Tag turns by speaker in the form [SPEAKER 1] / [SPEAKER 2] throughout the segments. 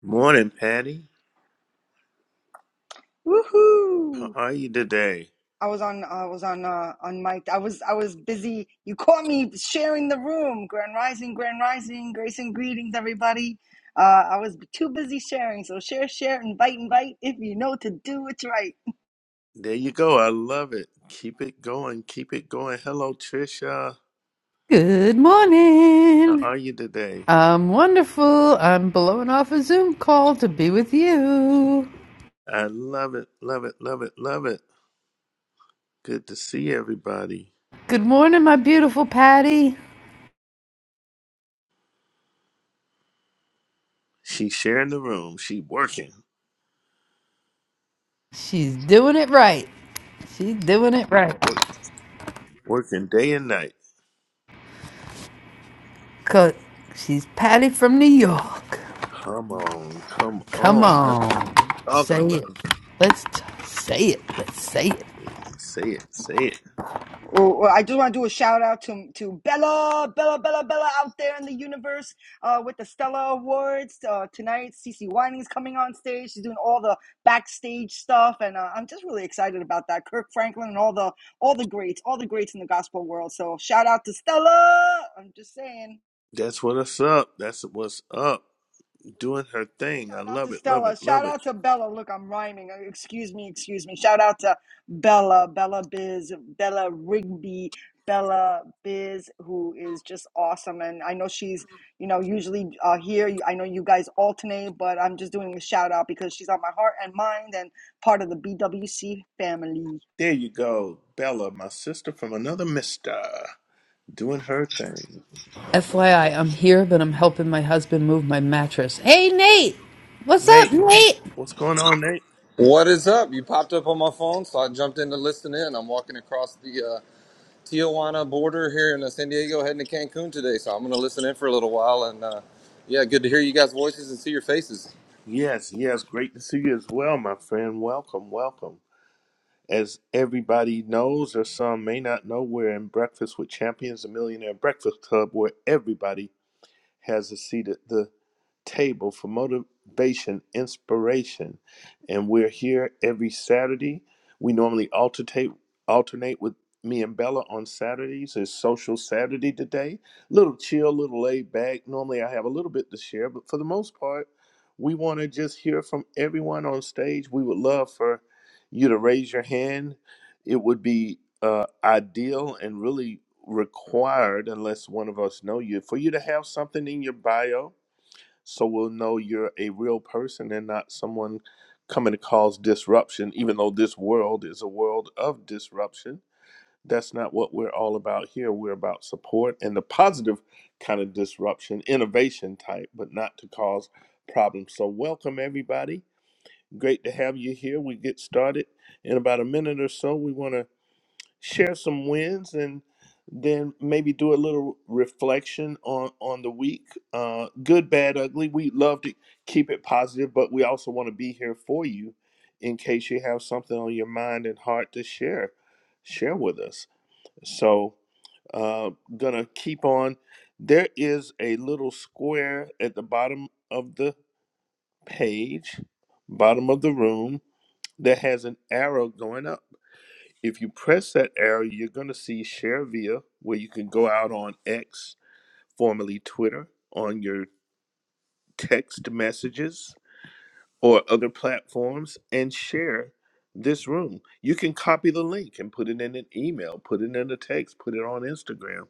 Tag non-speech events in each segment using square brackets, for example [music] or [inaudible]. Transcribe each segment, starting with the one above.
[SPEAKER 1] Morning, Patty. How
[SPEAKER 2] Woohoo!
[SPEAKER 1] are you today?
[SPEAKER 2] I was on. I was on. Uh, on mic. I was. I was busy. You caught me sharing the room. Grand rising. Grand rising. Grace and greetings, everybody. Uh, I was too busy sharing. So share, share, invite, invite. If you know to do, it's right.
[SPEAKER 1] There you go. I love it. Keep it going. Keep it going. Hello, Trisha.
[SPEAKER 3] Good
[SPEAKER 1] How
[SPEAKER 3] morning.
[SPEAKER 1] are you today?
[SPEAKER 3] I'm wonderful. I'm blowing off a Zoom call to be with you.
[SPEAKER 1] I love it. Love it. Love it. Love it. Good to see everybody.
[SPEAKER 3] Good morning, my beautiful Patty.
[SPEAKER 1] She's sharing the room. She working.
[SPEAKER 3] She's doing it right. She's doing it right.
[SPEAKER 1] Work, working day and night.
[SPEAKER 3] Cause she's Patty from New York.
[SPEAKER 1] Come on. Come
[SPEAKER 3] Come
[SPEAKER 1] on. That's
[SPEAKER 3] on.
[SPEAKER 1] what I'm talking
[SPEAKER 3] Say
[SPEAKER 1] about.
[SPEAKER 3] it. Let's t- say it. Let's say it.
[SPEAKER 1] Say it. Say it.
[SPEAKER 2] Well, well, I do want to do a shout out to to Bella, Bella, Bella, Bella out there in the universe uh, with the Stella Awards uh, tonight. Cece Wining's coming on stage. She's doing all the backstage stuff, and uh, I'm just really excited about that. Kirk Franklin and all the all the greats, all the greats in the gospel world. So shout out to Stella. I'm just saying.
[SPEAKER 1] That's what's up. That's what's up. Doing her thing. I
[SPEAKER 2] Shout out
[SPEAKER 1] love
[SPEAKER 2] to
[SPEAKER 1] it. Love
[SPEAKER 2] Stella.
[SPEAKER 1] it.
[SPEAKER 2] Shout
[SPEAKER 1] Love it.
[SPEAKER 2] out to Bella. Look, I'm rhyming. Uh, Excuse me, excuse me. Shout out to Bella, Bella Biz, Bella Rigby, Bella Biz, who is just awesome. And I know she's, you know, usually uh, here. You- I know you guys alternate, but I'm just doing a shout out because she's on my heart and mind and part of the BWC family.
[SPEAKER 1] There you go, Bella, my sister from another mister, doing her thing.
[SPEAKER 3] FYI, I'm here, but I'm helping my husband move my mattress. Hey, Nate. What's up,
[SPEAKER 1] Nate,
[SPEAKER 3] Nate?
[SPEAKER 1] what's going on, Nate?
[SPEAKER 4] What is up? You popped up on my phone, so I jumped in to listen in. I'm walking across the uh, Tijuana border here in uh, San Diego, heading to Cancun today, so I'm going to listen in for a little while. And uh, yeah, good to hear you guys' voices and see your faces.
[SPEAKER 1] Yes, yes, great to see you as well, my friend. Welcome, welcome. As everybody knows, or some may not know, we're in Breakfast with Champions, a Millionaire Breakfast Club, where everybody has a seat at the table for motivation, inspiration, and we're here every Saturday. We normally alternate alternate with me and Bella on Saturdays. It's Social Saturday today. Little chill, little laid back. Normally I have a little bit to share, but for the most part, we want to just hear from everyone on stage. We would love for you to raise your hand it would be uh, ideal and really required, unless one of us know you, for you to have something in your bio so we'll know you're a real person and not someone coming to cause disruption, even though this world is a world of disruption. That's not what we're all about here. We're about support and the positive kind of disruption, innovation type, but not to cause problems. So, welcome everybody. Great to have you here. We get started in about a minute or so. We want to share some wins and then maybe do a little reflection on on the week uh good bad ugly we love to keep it positive but we also want to be here for you in case you have something on your mind and heart to share share with us so uh gonna keep on there is a little square at the bottom of the page bottom of the room that has an arrow going up if you press that arrow, you're going to see Share Via, where you can go out on X, formerly Twitter, on your text messages or other platforms and share this room. You can copy the link and put it in an email, put it in a text, put it on Instagram.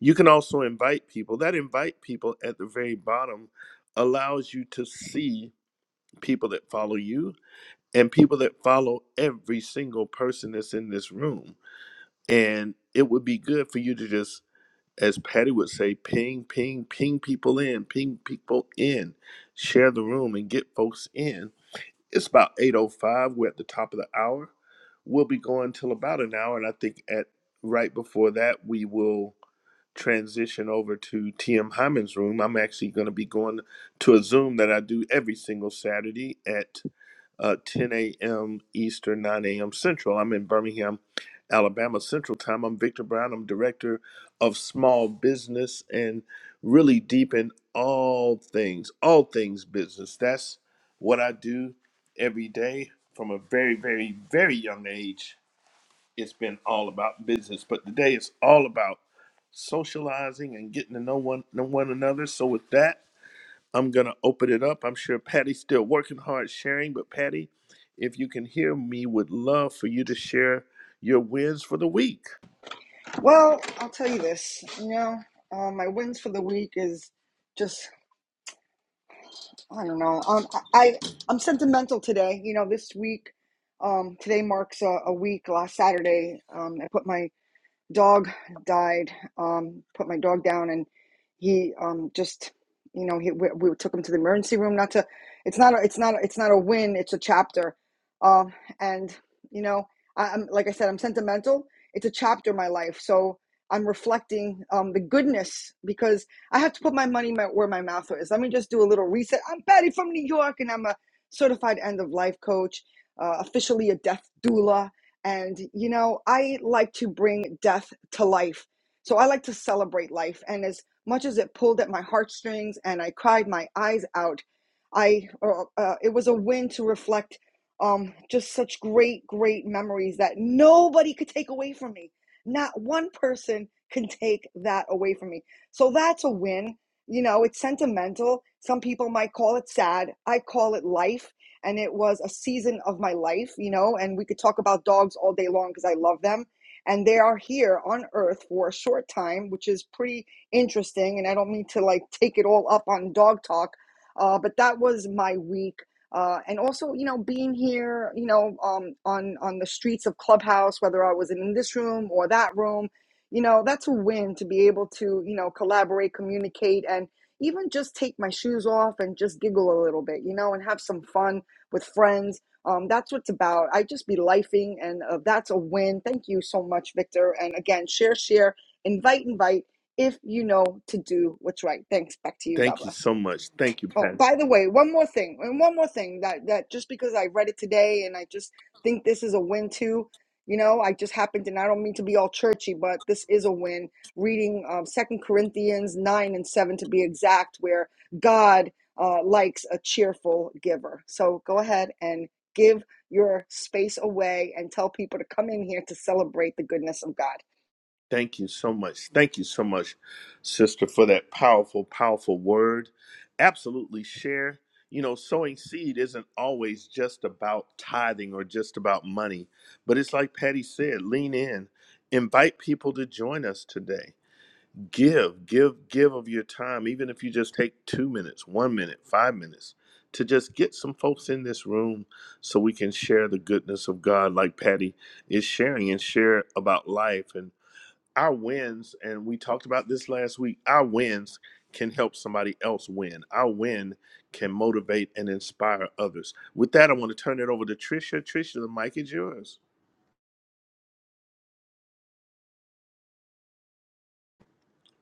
[SPEAKER 1] You can also invite people. That invite people at the very bottom allows you to see people that follow you and people that follow every single person that's in this room And it would be good for you to just, as Patty would say, ping, ping, ping people in, ping people in, share the room and get folks in. It's about 8.05. We're at the top of the hour. We'll be going till about an hour. And I think at right before that, we will transition over to TM Hyman's room. I'm actually going to be going to a Zoom that I do every single Saturday at uh, 10 a.m. Eastern, 9 a.m. Central. I'm in Birmingham, Alabama Central Time. I'm Victor Brown. I'm Director of Small Business and really deep in all things, all things business. That's what I do every day from a very, very, very young age. It's been all about business, but today it's all about socializing and getting to know one, know one another. So with that, I'm going to open it up. I'm sure Patty's still working hard sharing, but Patty, if you can hear me, would love for you to share your wins for the week.
[SPEAKER 2] Well, I'll tell you this, you know, uh, my wins for the week is. just. I don't know. Um, I I- I'm sentimental today. You know, this week, um, today marks a, a week. Last Saturday, um, I put my dog died. Um, put my dog down, and he um, just, you know, he we, we took him to the emergency room. Not to, it's not, a, it's not, a, it's not a win. It's a chapter. Um, and you know, I, I'm like I said, I'm sentimental. It's a chapter in my life, so I'm reflecting um, the goodness because I have to put my money my, where my mouth is. Let me just do a little reset. I'm Patty from New York, and I'm a certified end of life coach, uh, officially a death doula and, you know, I like to bring death to life. So I like to celebrate life. And as much as it pulled at my heartstrings and I cried my eyes out, I uh, uh, it was a win to reflect um, just such great, great memories that nobody could take away from me. Not one person can take that away from me. So that's a win. You know, it's sentimental. Some people might call it sad. I call it life and it was a season of my life, you know, and we could talk about dogs all day long because I love them. And they are here on earth for a short time, which is pretty interesting. And I don't mean to like take it all up on dog talk, uh, but that was my week. Uh, and also, you know, being here, you know, um, on on the streets of Clubhouse, whether I was in this room or that room, you know, that's a win to be able to, you know, collaborate, communicate, and even just take my shoes off and just giggle a little bit, you know, and have some fun with friends. Um, that's what's about. I just be lifing, and uh, that's a win. Thank you so much, Victor. And again, share, share, invite, invite if you know to do what's right. Thanks. Back to you. God
[SPEAKER 1] Thank you
[SPEAKER 2] bless.
[SPEAKER 1] so much. Thank you,
[SPEAKER 2] Oh,
[SPEAKER 1] Patty.
[SPEAKER 2] by the way, one more thing, and one more thing that that just because I read it today and I just think this is a win too. You know, I just happened to, and I don't mean to be all churchy, but this is a win. Reading um, Second Corinthians nine and seven to be exact, where God uh, likes a cheerful giver. So go ahead and give your space away and tell people to come in here to celebrate the goodness of God.
[SPEAKER 1] Thank you so much. Thank you so much, sister, for that powerful, powerful word. Absolutely share. You know, sowing seed isn't always just about tithing or just about money, but it's like Patty said lean in, invite people to join us today give give give of your time even if you just take two minutes one minute five minutes to just get some folks in this room so we can share the goodness of god like patty is sharing and share about life and our wins and we talked about this last week our wins can help somebody else win our win can motivate and inspire others with that i want to turn it over to trisha trisha the mic is yours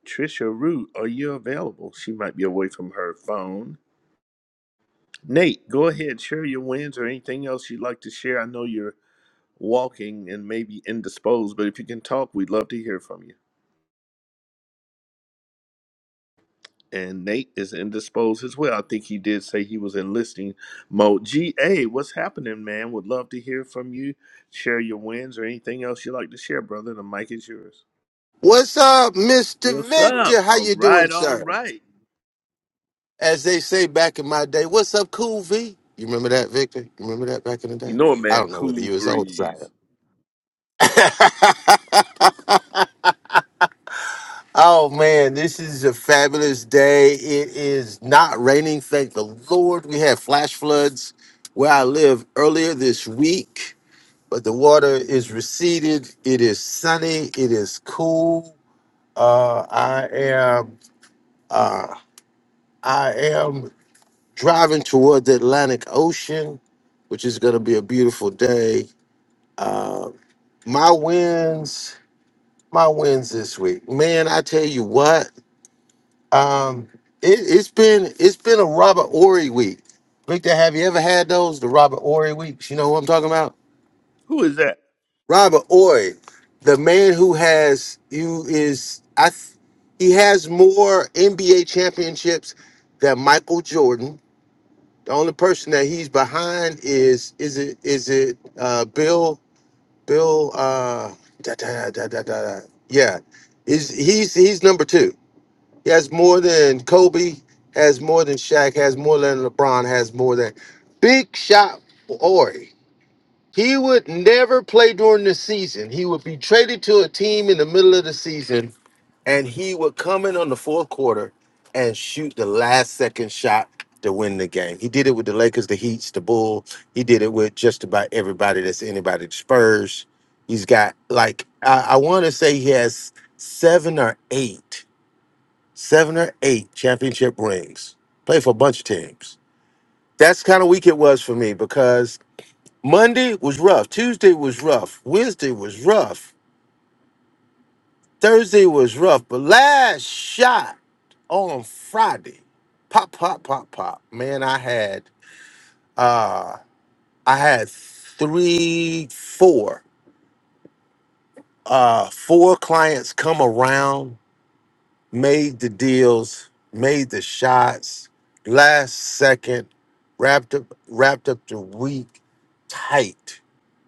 [SPEAKER 1] trisha root are you available she might be away from her phone Nate, go ahead, share your wins or anything else you'd like to share. I know you're walking and maybe indisposed, but if you can talk, we'd love to hear from you. And Nate is indisposed as well. I think he did say he was enlisting mode. GA, what's happening, man? Would love to hear from you. Share your wins or anything else you'd like to share, brother. The mic is yours.
[SPEAKER 5] What's up, Mr.
[SPEAKER 1] What's up?
[SPEAKER 5] Victor? How
[SPEAKER 1] All
[SPEAKER 5] you
[SPEAKER 1] right,
[SPEAKER 5] doing,
[SPEAKER 1] all
[SPEAKER 5] sir?
[SPEAKER 1] right.
[SPEAKER 5] As they say back in my day, what's up, Cool V? You remember that, Victor? You remember that back in the day?
[SPEAKER 1] You know, it,
[SPEAKER 5] I
[SPEAKER 1] man,
[SPEAKER 5] don't know whether
[SPEAKER 1] cool
[SPEAKER 5] you was old or not.
[SPEAKER 1] breeze.
[SPEAKER 5] Oh man, this is a fabulous day. It is not raining, thank the Lord. We had flash floods where I live earlier this week, but the water is receded. It is sunny. It is cool. Uh, I am I am driving toward the Atlantic Ocean, which is going to be a beautiful day. Uh, my wins, my wins this week, man. I tell you what, um, it, it's been it's been a Robert Ory week. Victor, have you ever had those the Robert Ory weeks? You know what I'm talking about?
[SPEAKER 1] Who is that?
[SPEAKER 5] Robert Ory, the man who has you is I. th- he has more NBA championships than Michael Jordan. The only person that he's behind is is it is it uh Bill Bill uh da, da, da, da, da, da. yeah is he's he's number two. He has more than Kobe, has more than Shaq, has more than LeBron, has more than Big Shot Ori. He would never play during the season. He would be traded to a team in the middle of the season and he would come in on the fourth quarter and shoot the last second shot to win the game. He did it with the Lakers, the Heats, the Bulls. He did it with just about everybody that's anybody. The Spurs. He's got like I, I want to say he has seven or eight, seven or eight championship rings. Played for a bunch of teams. That's kind of week it was for me because Monday was rough, Tuesday was rough, Wednesday was rough. Thursday was rough, but last shot on Friday, pop, pop, pop, pop. Man, I had uh I had three, four, uh, four clients come around, made the deals, made the shots, last second, wrapped up, wrapped up the week tight.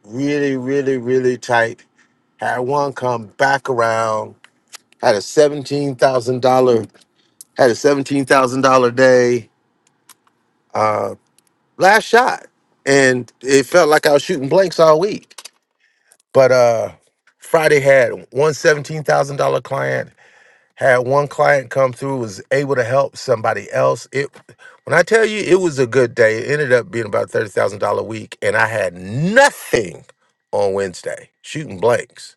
[SPEAKER 5] Really, really, really tight. Had one come back around, had a seventeen thousand dollar had a $17,000 day last shot. And it felt like I was shooting blanks all week. But uh Friday had one seventeen thousand dollars client, had one client come through, was able to help somebody else. It when I tell you it was a good day, it ended up being about $30,000 a week and I had nothing on Wednesday shooting blanks.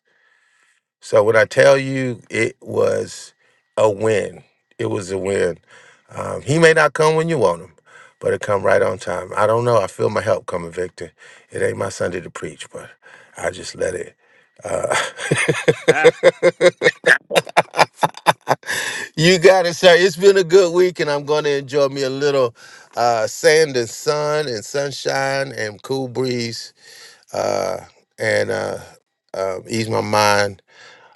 [SPEAKER 5] So when I tell you it was a win, it was a win. Um, he may not come when you want him, but it come right on time. I don't know. I feel my help coming, Victor. It ain't my Sunday to preach, but I just let it.
[SPEAKER 1] [laughs]
[SPEAKER 5] You got it, sir. It's been a good week, and I'm going to enjoy me a little uh, sand and sun and sunshine and cool breeze uh, and uh, uh, ease my mind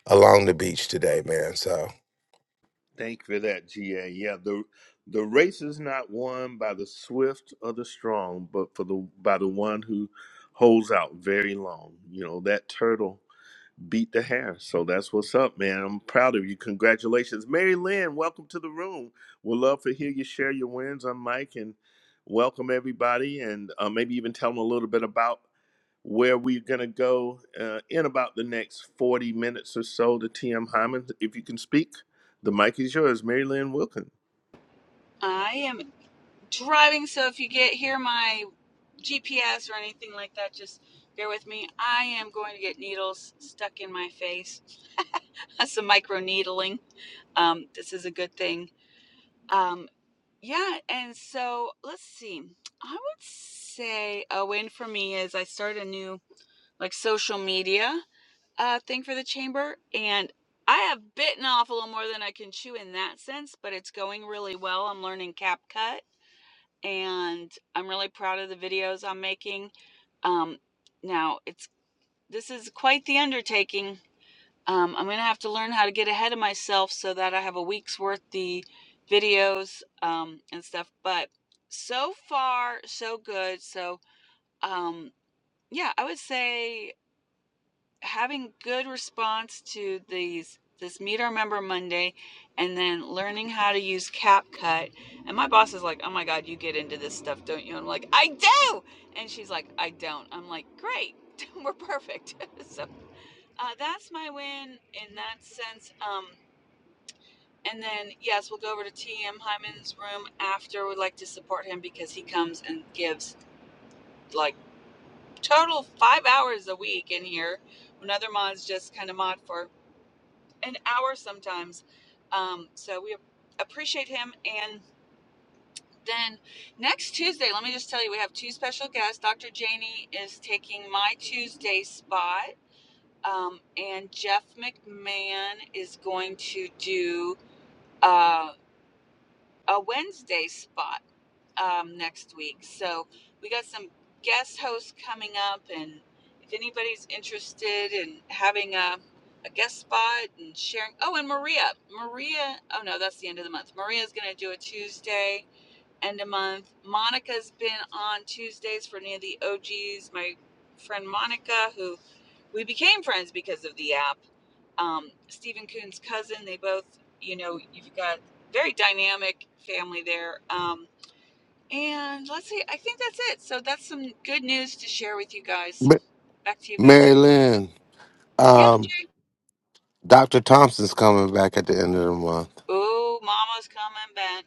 [SPEAKER 5] along the beach today, man. So,
[SPEAKER 1] Thank you for that, GA. Yeah, the the race is not won by the swift or the strong, but for the by the one who holds out very long. You know, that turtle beat the hair. So that's what's up, man. I'm proud of you. Congratulations. Mary Lynn, welcome to the room. We'd love to hear you share your wins. I'm Mike and welcome everybody and uh, maybe even tell them a little bit about where we're going to go uh, in about the next 40 minutes or so to TM Hyman. If you can speak, the mic is yours, Mary Lynn Wilkin.
[SPEAKER 6] I am driving, so if you get hear my GPS or anything like that, just bear with me. I am going to get needles stuck in my face. [laughs] That's some micro needling. Um, this is a good thing. Um, yeah, and so let's see. I would say a win for me is I started a new like social media uh, thing for the chamber, and I have bitten off a little more than I can chew in that sense, but it's going really well. I'm learning CapCut and I'm really proud of the videos I'm making. Um, now it's this is quite the undertaking. Um, I'm gonna have to learn how to get ahead of myself so that I have a week's worth the videos um, and stuff. But so far, so good. So um, yeah, I would say having good response to these this meet our member Monday and then learning how to use CapCut. And my boss is like, "Oh my god, you get into this stuff, don't you?" And I'm like, "I do." And she's like, "I don't." I'm like, "Great. [laughs] We're perfect." [laughs] so, uh, that's my win in that sense. Um and then yes, we'll go over to TM Hyman's room after. We'd like to support him because he comes and gives like total 5 hours a week in here. Another mod's just kind of mod for an hour sometimes. Um, so we appreciate him. And then next Tuesday, let me just tell you, we have two special guests. Dr. Janie is taking my Tuesday spot, um, and Jeff McMahon is going to do uh, a Wednesday spot. um, next week. So we got some guest hosts coming up, and if anybody's interested in having a, a guest spot and sharing, oh, and Maria, Maria, oh no, that's the end of the month. Maria's going to do a Tuesday end of month. Monica's been on Tuesdays for any of the OGs. My friend Monica, who we became friends because of the app. Um, Stephen Kuhn's cousin. They both, you know, you've got very dynamic family there. Um, and let's see, I think that's it. So that's some good news to share with you guys.
[SPEAKER 5] Ma-
[SPEAKER 6] Back to you,
[SPEAKER 5] Mary
[SPEAKER 6] Victor.
[SPEAKER 5] Lynn,
[SPEAKER 6] Yep,
[SPEAKER 5] um,
[SPEAKER 6] Jay.
[SPEAKER 5] Dr. Thompson's coming back at the end of the month.
[SPEAKER 6] Oh, Mama's coming back.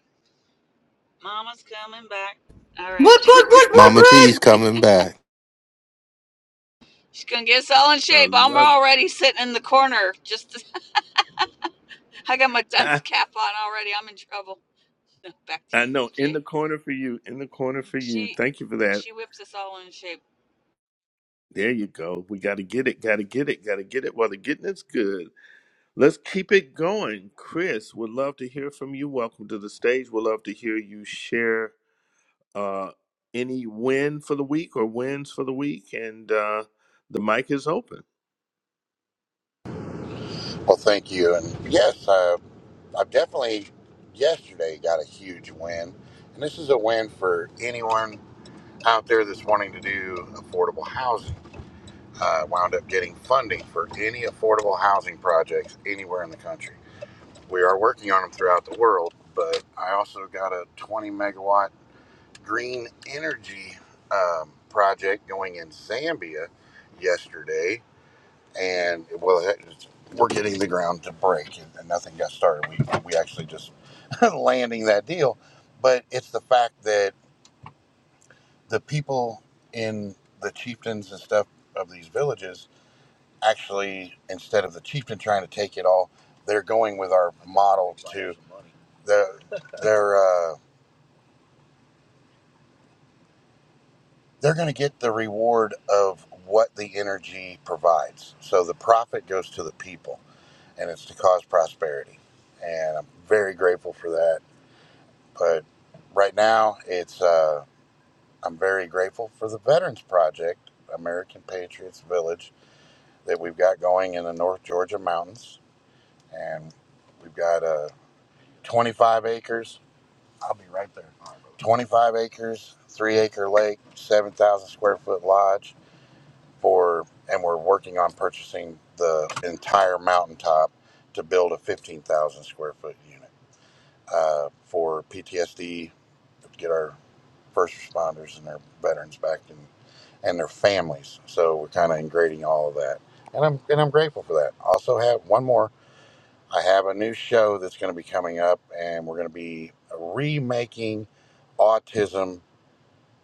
[SPEAKER 6] Mama's coming back. All right.
[SPEAKER 3] What, what, what, what,
[SPEAKER 5] Mama
[SPEAKER 3] what?
[SPEAKER 5] T's coming back.
[SPEAKER 6] [laughs] She's going to get us all in
[SPEAKER 1] I
[SPEAKER 6] shape. I'm
[SPEAKER 1] love it.
[SPEAKER 6] already sitting in the corner. Just [laughs] to, I got my dunce
[SPEAKER 1] [laughs]
[SPEAKER 6] cap on already. I'm in trouble. [laughs] Back to
[SPEAKER 1] I
[SPEAKER 6] you,
[SPEAKER 1] know, in
[SPEAKER 6] Jay.
[SPEAKER 1] the corner for you, in the corner for you.
[SPEAKER 6] She
[SPEAKER 1] Thank you for that.
[SPEAKER 6] she whips us all in shape.
[SPEAKER 1] There you go. We got to get it, got to get it, got to get it while the getting is good. Let's keep it going. Chris, would love to hear from you. Welcome to the stage. Would love to hear you share uh, any win for the week or wins for the week. And uh, the mic is open.
[SPEAKER 7] Well, thank you. And yes, uh, I've definitely yesterday got a huge win. And this is a win for anyone out there that's wanting to do affordable housing. I wound up getting funding for any affordable housing projects anywhere in the country. We are working on them throughout the world, but I also got a 20 megawatt green energy um, project going in Zambia yesterday and well, it- we're getting the ground to break, and, and nothing got started. We we actually just [laughs] landing that deal, but it's the fact that the people in the chieftains and stuff of these villages actually, instead of the chieftain trying to take it all, they're going with our model to the [laughs] they're uh, they're going to get the reward of what the energy provides. So the profit goes to the people and it's to cause prosperity. And I'm very grateful for that. But right now, it's uh, I'm very grateful for the Veterans Project, American Patriots Village, that we've got going in the North Georgia mountains, and we've got uh, 25 acres, 25 acres, three acre lake, 7,000 square foot lodge for, and we're working on purchasing the entire mountaintop to build a 15,000 square foot unit uh, for PTSD, get our first responders and their veterans back and, and their families. So we're kind of integrating all of that, and I'm and I'm grateful for that. Also have one more. I have a new show that's going to be coming up, and we're going to be remaking autism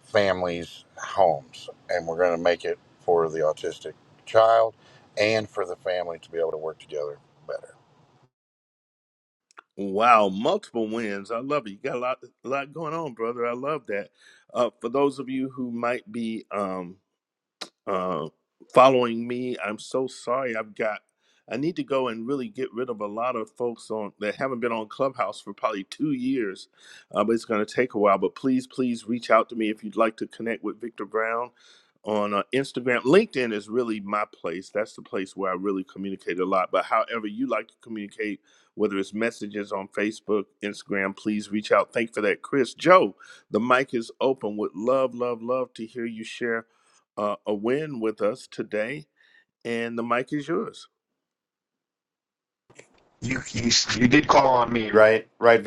[SPEAKER 7] families' homes, and we're going to make it for the autistic child and for the family to be able to work together better.
[SPEAKER 1] Wow, multiple wins. I love it. You got a lot, a lot going on, brother. I love that. Uh, for those of you who might be. Um, uh, following me. I'm so sorry. I've got. I need to go and really get rid of a lot of folks on that haven't been on Clubhouse for probably two years, uh, but it's going to take a while. But please, please reach out to me if you'd like to connect with Victor Brown on uh, Instagram. LinkedIn is really my place. That's the place where I really communicate a lot. But however you like to communicate, whether it's messages on Facebook, Instagram, please reach out. Thank you for that, Chris. Joe, the mic is open. Would love, love, love to hear you share uh, a win with us today, and the mic is yours.
[SPEAKER 8] You, you you did call on me, right? Right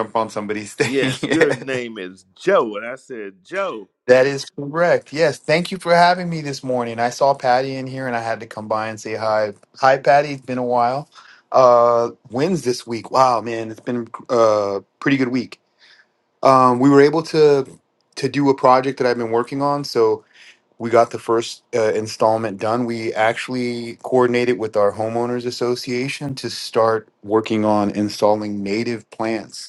[SPEAKER 8] up on somebody's thing.
[SPEAKER 1] Yes, your
[SPEAKER 8] [laughs]
[SPEAKER 1] name is Joe, and I said Joe.
[SPEAKER 8] That is correct. Yes. Thank you for having me this morning. I saw Patty in here and I had to come by and say hi. Hi, Patty. It's been a while. Uh, wins this week. Wow, man. It's been a pretty good week. Um, we were able to to do a project that I've been working on. So we got the first uh, installment done. We actually coordinated with our homeowners association to start working on installing native plants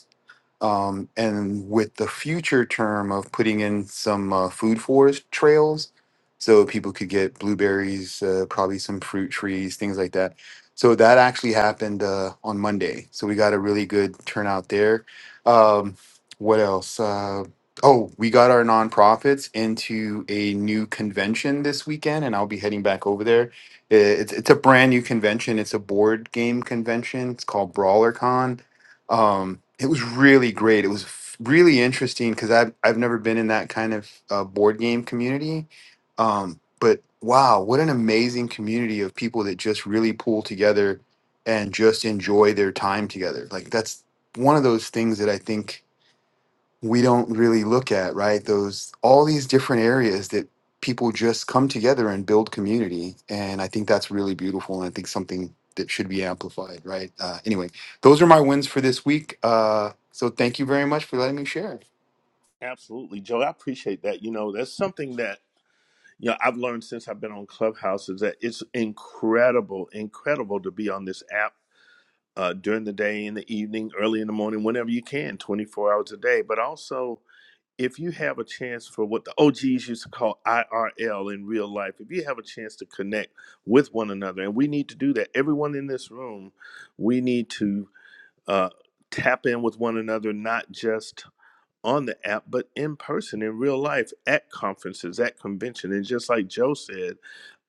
[SPEAKER 8] Um, and with the future term of putting in some uh, food forest trails, so people could get blueberries, uh, probably some fruit trees, things like that. So that actually happened uh, on Monday. So we got a really good turnout there. Um, what else? Uh, oh, we got our nonprofits into a new convention this weekend, and I'll be heading back over there. I- It's, it's a brand new convention. It's a board game convention. It's called BrawlerCon um, it was really great. It was f- really interesting because I've I've never been in that kind of uh, board game community. Um, but wow, what an amazing community of people that just really pull together and just enjoy their time together. Like that's one of those things that I think we don't really look at, right? Those all these different areas that people just come together and build community, and I think that's really beautiful, and I think something that should be amplified, right? Uh, anyway, those are my wins for this week. Uh, so thank you very much for letting me share.
[SPEAKER 1] Absolutely, Joe. I appreciate that. You know, that's something that you know I've learned since I've been on Clubhouse is that it's incredible, incredible to be on this app uh, during the day, in the evening, early in the morning, whenever you can, twenty four hours a day. But also if you have a chance for what the OGs used to call IRL in real life, if you have a chance to connect with one another, and we need to do that, everyone in this room, we need to uh, tap in with one another, not just on the app, but in person, in real life, at conferences, at convention. And just like Joe said,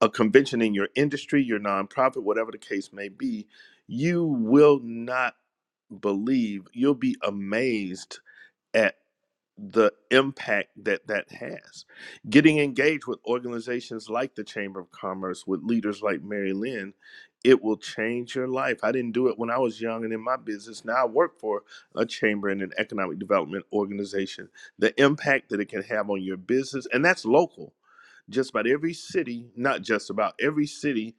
[SPEAKER 1] a convention in your industry, your nonprofit, whatever the case may be, you will not believe, you'll be amazed at the impact that that has. Getting engaged with organizations like the Chamber of Commerce, with leaders like Mary Lynn, it will change your life. I didn't do it when I was young and in my business. Now I work for a chamber and an economic development organization. The impact that it can have on your business, and that's local. Just about every city, not just about every city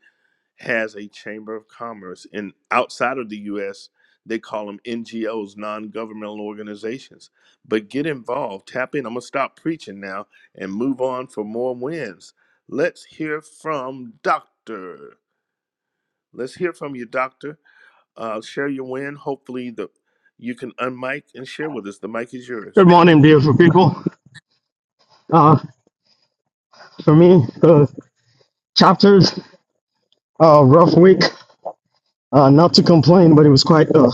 [SPEAKER 1] has a chamber of commerce and outside of the US they call them NGOs non-governmental organizations but get involved tap in I'm going to stop preaching now and move on for more wins let's hear from doctor let's hear from you doctor uh, share your win hopefully the you can unmic and share with us the mic is yours
[SPEAKER 9] Good morning, beautiful people. Uh, for me, the chapters, uh, rough week. Uh, not to complain, but it was quite a,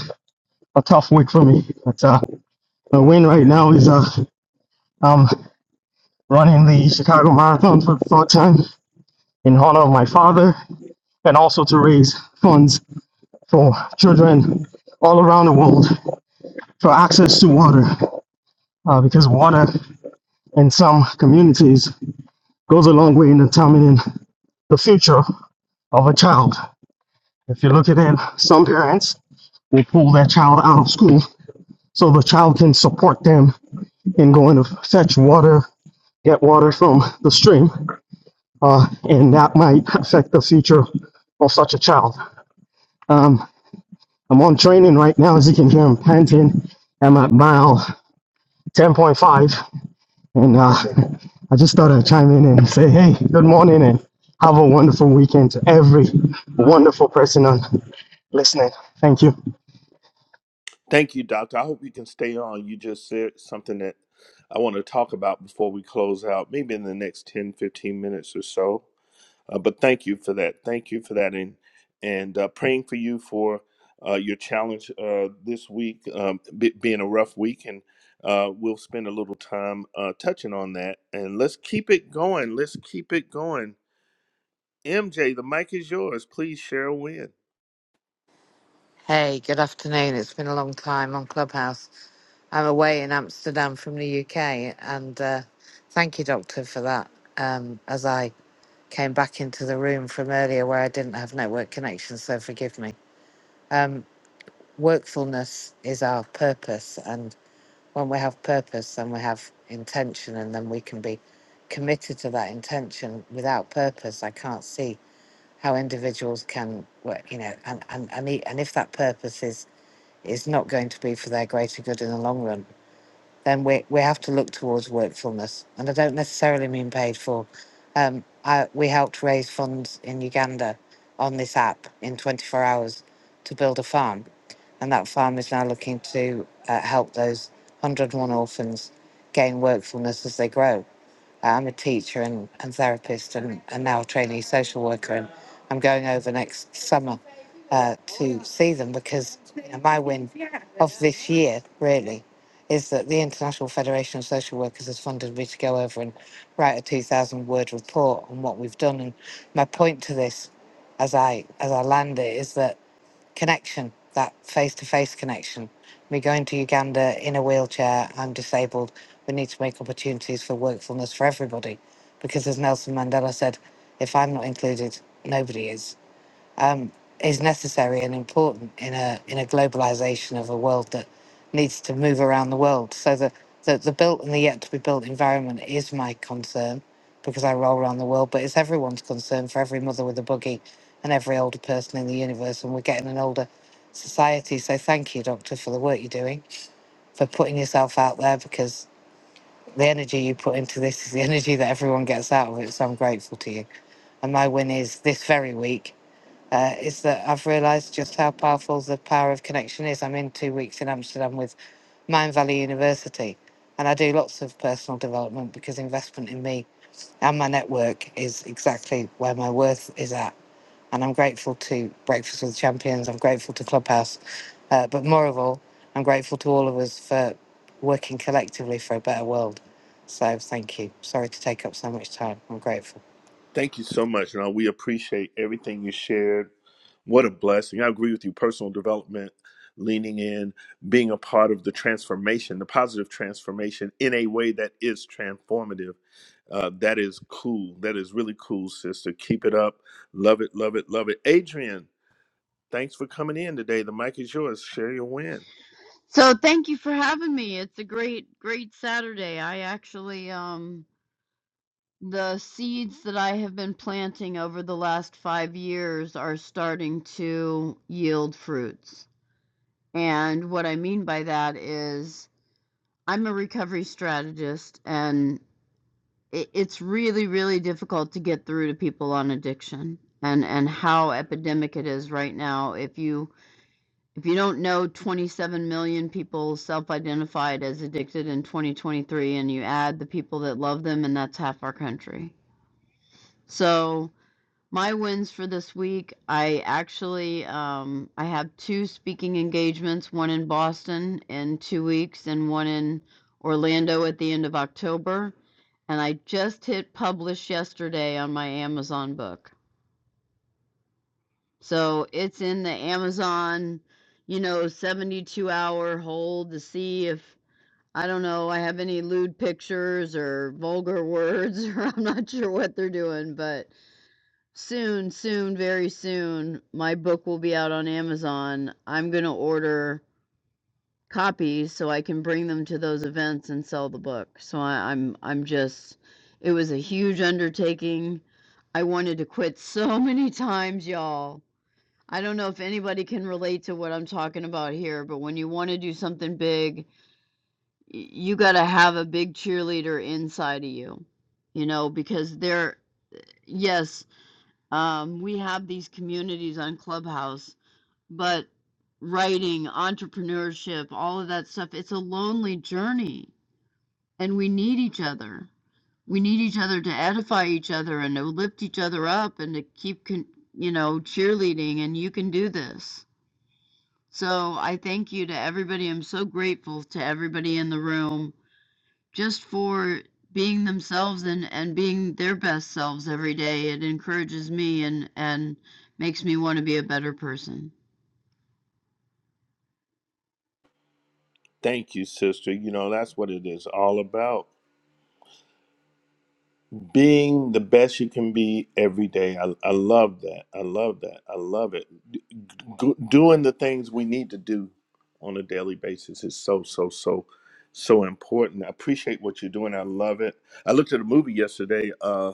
[SPEAKER 9] a tough week for me. But uh, the win right now is uh, I'm running the Chicago Marathon for the third time in honor of my father, and also to raise funds for children all around the world for access to water, uh, because water in some communities goes a long way in determining the future of a child. If you look at it, some parents will pull their child out of school so the child can support them in going to fetch water, get water from the stream, uh, and that might affect the future of such a child. Um, I'm on training right now, as you can hear, I'm panting. I'm at mile 10.5, and uh, I just thought I'd chime in and say, hey, good morning, and have a wonderful weekend to every wonderful person on listening. Thank you.
[SPEAKER 1] thank you doctor I hope you can stay on you just said something that I want to talk about before we close out maybe in the next 10, 15 minutes or so Uh, but thank you for that. Thank you for that, and and uh, praying for you for uh, your challenge uh, this week, um, be being a rough week, and uh, we'll spend a little time uh, touching on that. And let's keep it going. Let's keep it going. MJ, the mic is yours. Please share a win.
[SPEAKER 10] Hey, good afternoon. It's been a long time on Clubhouse. I'm away in Amsterdam from the UK, and uh, thank you, Doctor, for that. Um, as I came back into the room from earlier where I didn't have network connection, so forgive me. Um, workfulness is our purpose, and when we have purpose and we have intention, and then we can be committed to that intention. Without purpose, I can't see how individuals can work. You know, and and and, e- and if that purpose is is not going to be for their greater good in the long run then we, we have to look towards workfulness. And I don't necessarily mean paid for. Um, I, we helped raise funds in Uganda on this app in 24 hours to build a farm. And that farm is now looking to uh, help those 101 orphans gain workfulness as they grow. I'm a teacher and, and therapist and, and now a trainee social worker and I'm going over next summer uh, to see them because you know, my win of this year really is that the International Federation of Social Workers has funded me to go over and write a 2,000 word report on what we've done. And my point to this, as I as I land it, is that connection, that face to face connection. Me going to Uganda in a wheelchair, I'm disabled. We need to make opportunities for workfulness for everybody, because as Nelson Mandela said, if I'm not included, nobody is um, is necessary and important in a in a globalization of a world that needs to move around the world. So the the, the built and the yet to be built environment is my concern because I roll around the world, but it's everyone's concern for every mother with a buggy and every older person in the universe, and we're getting an older society. So thank you, Doctor, for the work you're doing, for putting yourself out there because the energy you put into this is the [laughs] energy that everyone gets out of it. So I'm grateful to you. And my win is this very week uh, is that I've realised just how powerful the power of connection is. I'm in two weeks in Amsterdam with Mind Valley University, and I do lots of personal development because investment in me and my network is exactly where my worth is at. And I'm grateful to Breakfast with Champions, I'm grateful to Clubhouse, uh, but more of all, I'm grateful to all of us for working collectively for a better world. So thank you. Sorry to take up so much time. I'm grateful.
[SPEAKER 1] Thank you so much, and uh, we appreciate everything you shared. What a blessing! I agree with you. Personal development, leaning in, being a part of the transformation, the positive transformation in a way that is transformative. Uh, that is cool. That is really cool, sister. Keep it up. Love it, love it, love it. Adrian, thanks for coming in today. The mic is yours. Share your win.
[SPEAKER 11] So thank you for having me. It's a great, great Saturday. I actually, um, the seeds that I have been planting over the last five years are starting to yield fruits. And what I mean by that is I'm a recovery strategist, and it, it's really, really difficult to get through to people on addiction and and how epidemic it is right now. If you If you don't know, 27 million people self identified as addicted in 2023, and you add the people that love them, and that's half our country. So, my wins for this week I actually um, I have two speaking engagements, one in Boston in two weeks, and one in Orlando at the end of October. And I just hit publish yesterday on my Amazon book. So it's in the Amazon, you know, 72 hour hold to see if, I don't know, I have any lewd pictures or vulgar words, [laughs] or I'm not sure what they're doing, but soon, soon, very soon, my book will be out on Amazon. I'm going to order copies so I can bring them to those events and sell the book. So I, I'm, I'm just, it was a huge undertaking. I wanted to quit so [laughs] many times, y'all I don't know if anybody can relate to what I'm talking about here, but when you want to do something big, y- you got to have a big cheerleader inside of you, you know, because they're, yes, um, we have these communities on Clubhouse, but writing, entrepreneurship, all of that stuff, it's a lonely journey, and we need each other. We need each other to edify each other and to lift each other up and to keep, con- you know, cheerleading, and you can do this So I thank you to everybody. I'm so grateful to everybody in the room just for being themselves and, and being their best selves every day. It encourages me and, and makes me want to be a better person.
[SPEAKER 1] Thank you, sister. You know, that's what it is all about. being the best you can be every day. I, I love that. I love that. I love it. D- g- doing the things we need to do on a daily basis is so, so, so, so important. I appreciate what you're doing. I love it. I looked at a movie yesterday. Uh,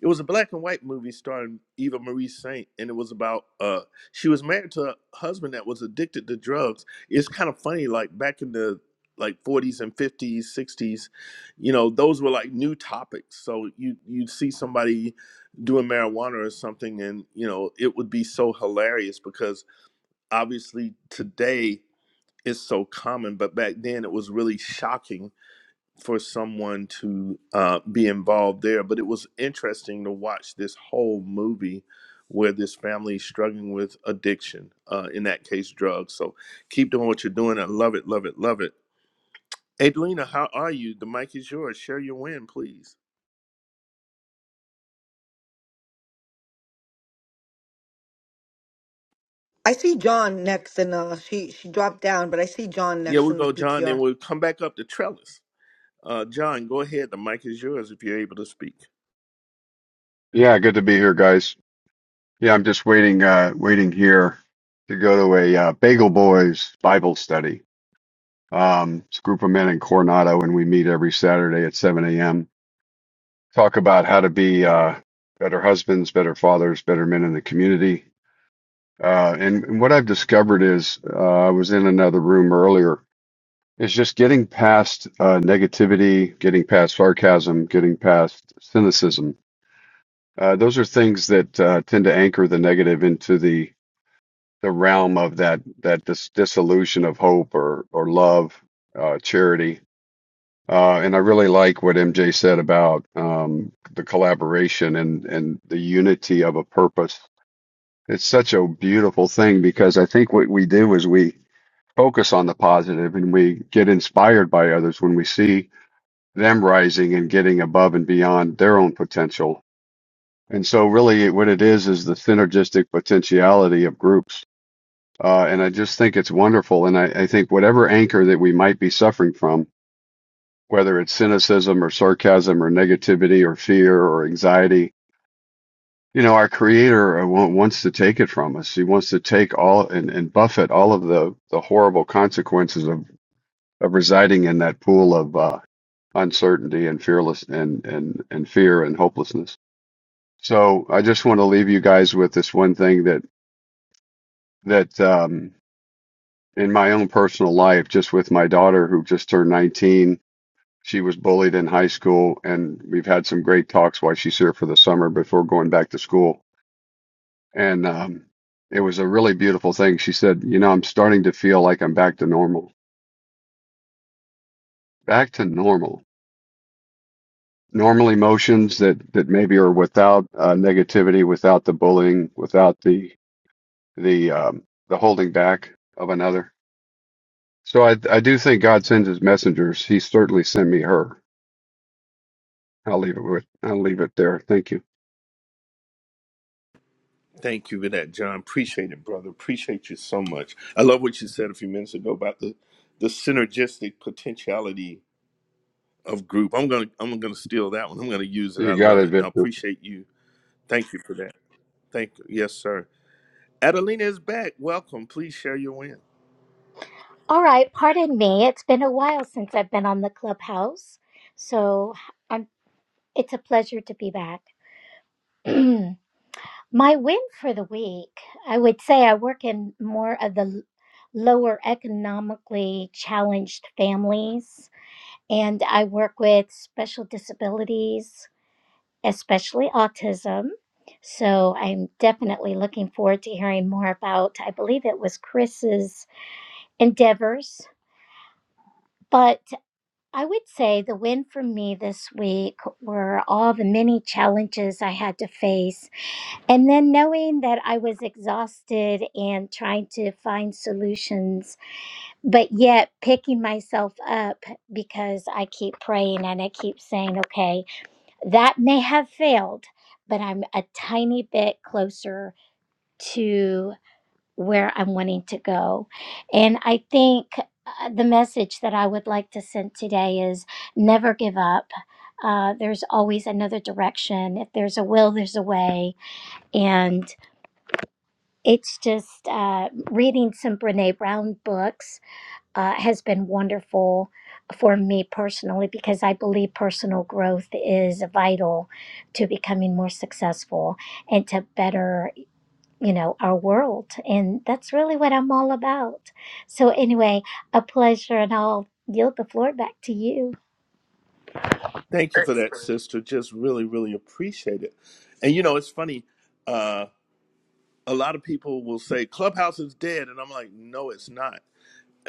[SPEAKER 1] it was a black and white movie starring Eva Marie Saint, and it was about uh, she was married to a husband that was addicted to drugs. It's kind of funny, like back in the like 40s and 50s, 60s, you know those were like new topics so you you'd see somebody doing marijuana or something and you know it would be so hilarious because obviously today it's so common but back then it was really shocking for someone to uh, be involved there but it was interesting to watch this whole movie where this family is struggling with addiction uh, in that case drugs so keep doing what you're doing i love it love it love it adelina how are you the mic is yours share your win please
[SPEAKER 2] I see John next in uh she she dropped down, but I see John
[SPEAKER 1] Yeah,
[SPEAKER 2] next
[SPEAKER 1] we'll
[SPEAKER 2] in the
[SPEAKER 1] go, John. Then
[SPEAKER 2] PTR.
[SPEAKER 1] we'll come back up to Trellis. Uh, John, go ahead. The mic is yours if you're able to speak.
[SPEAKER 12] Yeah, good to be here, guys. Yeah, I'm just waiting, uh, waiting here to go to a uh, Bagel Boys Bible study. Um, it's a group of men in Coronado, and we meet every Saturday at 7 a.m. Talk about how to be uh, better husbands, better fathers, better men in the community. Uh, and, and what I've discovered is, uh, I was in another room earlier, is just getting past uh, negativity, getting past sarcasm, getting past cynicism. Uh, those are things that uh, tend to anchor the negative into the the realm of that that dis- dissolution of hope or or love, uh, charity. Uh, and I really like what MJ said about um, the collaboration and and the unity of a purpose. It's such a beautiful thing because I think what we do is we focus on the positive and we get inspired by others when we see them rising and getting above and beyond their own potential. And so really what it is is the synergistic potentiality of groups Uh, and I just think it's wonderful. And I, I think whatever anchor that we might be suffering from, whether it's cynicism or sarcasm or negativity or fear or anxiety, you know, our creator uh, wants to take it from us. He wants to take all and, and buffet all of the, the horrible consequences of, of residing in that pool of, uh, uncertainty and fearless and, and, and fear and hopelessness. So I just want to leave you guys with this one thing that, that, um, in my own personal life, just with my daughter who just turned 19. She was bullied in high school, and we've had some great talks while she's here for the summer before going back to school. And um, it was a really beautiful thing. She said, You know, I'm starting to feel like I'm back to normal, back to normal. Normal emotions that, that maybe are without uh, negativity, without the bullying, without the the um, the holding back of another. So I I do think God sends His messengers. He certainly sent me her I'll leave it with I'll leave it there. Thank you.
[SPEAKER 1] Thank you for that, John. Appreciate it, brother. Appreciate you so much. I love what you said a few minutes ago about the the synergistic potentiality of group. I'm gonna I'm gonna steal that one. I'm gonna use it. I
[SPEAKER 12] You got
[SPEAKER 1] love
[SPEAKER 12] it,
[SPEAKER 1] it. Now
[SPEAKER 12] Victor.
[SPEAKER 1] appreciate you. Thank you for that. Thank you. Yes, sir. Adelina is back. Welcome. Please share your win.
[SPEAKER 13] All right, pardon me. It's been a while since I've been on the clubhouse, so I'm, it's a pleasure to be back. [clears throat] My win for the week, I would say I work in more of the l- lower economically challenged families, and I work with special disabilities, especially autism. So I'm definitely looking forward to hearing more about, I believe it was Chris's endeavors. But I would say the win for me this week were all the many challenges I had to face. And then knowing that I was exhausted and trying to find solutions, but yet picking myself up because I keep praying and I keep saying, okay, that may have failed, but I'm a tiny bit closer to." where I'm wanting to go. And I think uh, the message that I would like to send today is never give up. Uh, there's always another direction. If there's a will, there's a way. And it's just uh, reading some Brene Brown books uh, has been wonderful for me personally because I believe personal growth is vital to becoming more successful and to better you know, our world. And that's really what I'm all about. So, anyway, a pleasure, and I'll yield the floor back to you.
[SPEAKER 1] Thank you for that, sister. Just really, really appreciate it. And you know, it's funny. Uh, a lot of people will say Clubhouse is dead, and I'm like, no, it's not.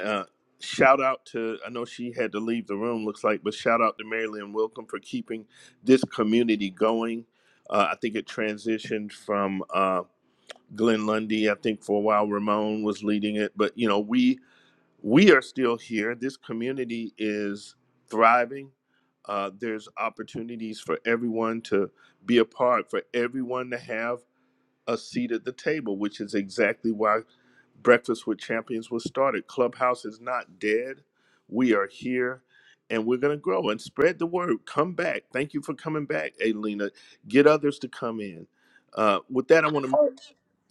[SPEAKER 1] Uh, shout out to I know she had to leave the room, looks like, but shout out to Marilyn Wilkham for keeping this community going. Uh, I think it transitioned from uh, Glenn Lundy. I think for a while Ramon was leading it, but you know we we are still here. This community is thriving. Uh, there's opportunities for everyone to be a part, for everyone to have a seat at the table, which is exactly why Breakfast with Champions was started. Clubhouse is not dead. We are here and we're going to grow and spread the word. Come back. Thank you for coming back, Alina. Get others to come in. Uh, with that, I want to,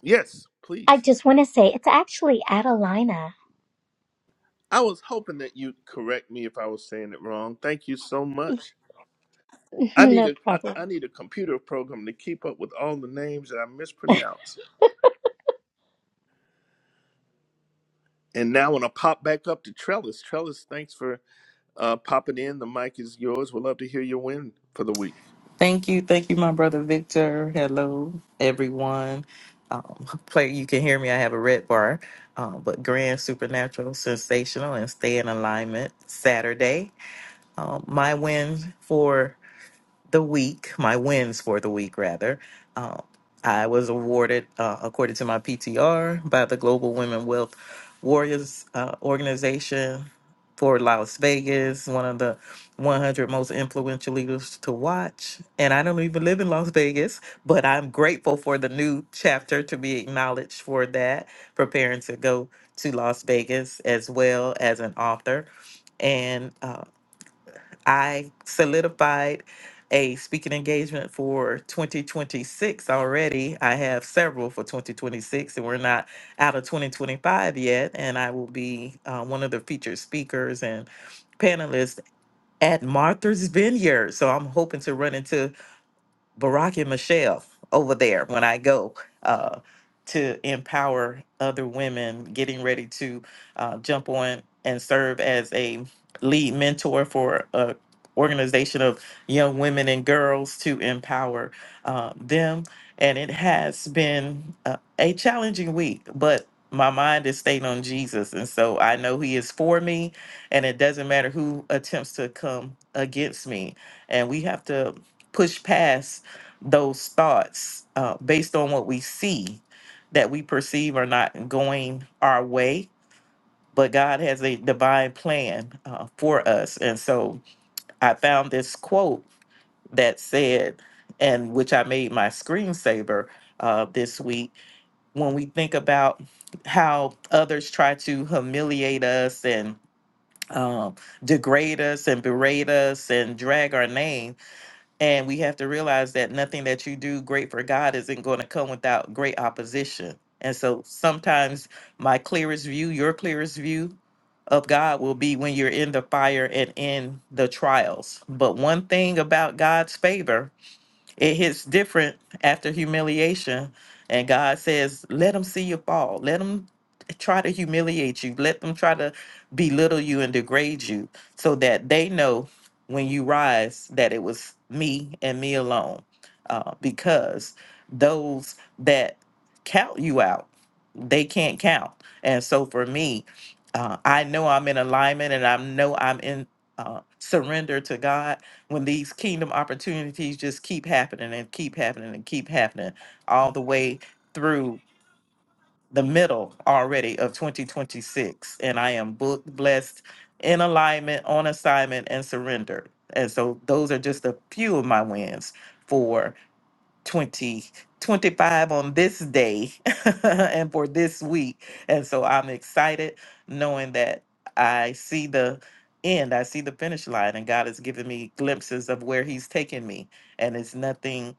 [SPEAKER 1] yes,
[SPEAKER 13] I
[SPEAKER 1] please.
[SPEAKER 13] just want to say it's actually Adelina.
[SPEAKER 1] I was hoping that you'd correct me if I was saying it wrong. Thank you so
[SPEAKER 13] [laughs]
[SPEAKER 1] much. I need
[SPEAKER 13] no
[SPEAKER 1] a I
[SPEAKER 13] problem.
[SPEAKER 1] I need a computer program to keep up with all the names that I mispronounce. And now when I pop back up to Trellis, Trellis, thanks for Uh, pop it in. The mic is yours. We'd love to hear your win for the week.
[SPEAKER 14] Thank you. Thank you, my brother Victor. Hello, everyone. Um, play, you can hear me. I have a red bar, um, but grand, supernatural, sensational, and stay in alignment Saturday. Um, my win for the week, my wins for the week, rather. Um, I was awarded, uh, according to my PTR, by the Global Women Wealth Warriors uh, organization for Las Vegas, one of the 100 most influential leaders to watch. And I don't even live in Las Vegas, but I'm grateful for the new chapter to be acknowledged for that, preparing to go to Las Vegas as well as an author. And uh, I solidified a speaking engagement for 2026 already. I have several for 2026, and we're not out of 2025 yet. And I will be uh, one of the featured speakers and panelists at Martha's Vineyard. So I'm hoping to run into Barack and Michelle over there when I go uh, to empower other women getting ready to uh, jump on and serve as a lead mentor for a organization of young women and girls to empower uh, them. And it has been uh, a challenging week, but my mind is stayed on Jesus. And so I know He is for me, and it doesn't matter who attempts to come against me. And we have to push past those thoughts uh, based on what we see that we perceive are not going our way. But God has a divine plan uh, for us. And so I found this quote that said, and which I made my screensaver uh, this week when we think about how others try to humiliate us and um, degrade us and berate us and drag our name and we have to realize that nothing that you do great for God isn't going to come without great opposition. And so sometimes my clearest view, your clearest view of God will be when you're in the fire and in the trials. But one thing about God's favor it hits different after humiliation. And God says, let them see you fall. Let them try to humiliate you. Let them try to belittle you and degrade you so that they know when you rise that it was me and me alone. Uh, because those that count you out, they can't count. And so for me, uh, I know I'm in alignment and I know I'm in uh, surrender to God when these kingdom opportunities just keep happening and keep happening and keep happening all the way through the middle already of 2026 and i am booked blessed in alignment on assignment and surrendered and so those are just a few of my wins for 2025 on this day [laughs] and for this week. And so I'm excited knowing that I see the end, I see the finish line, and God has given me glimpses of where He's taking me. And it's nothing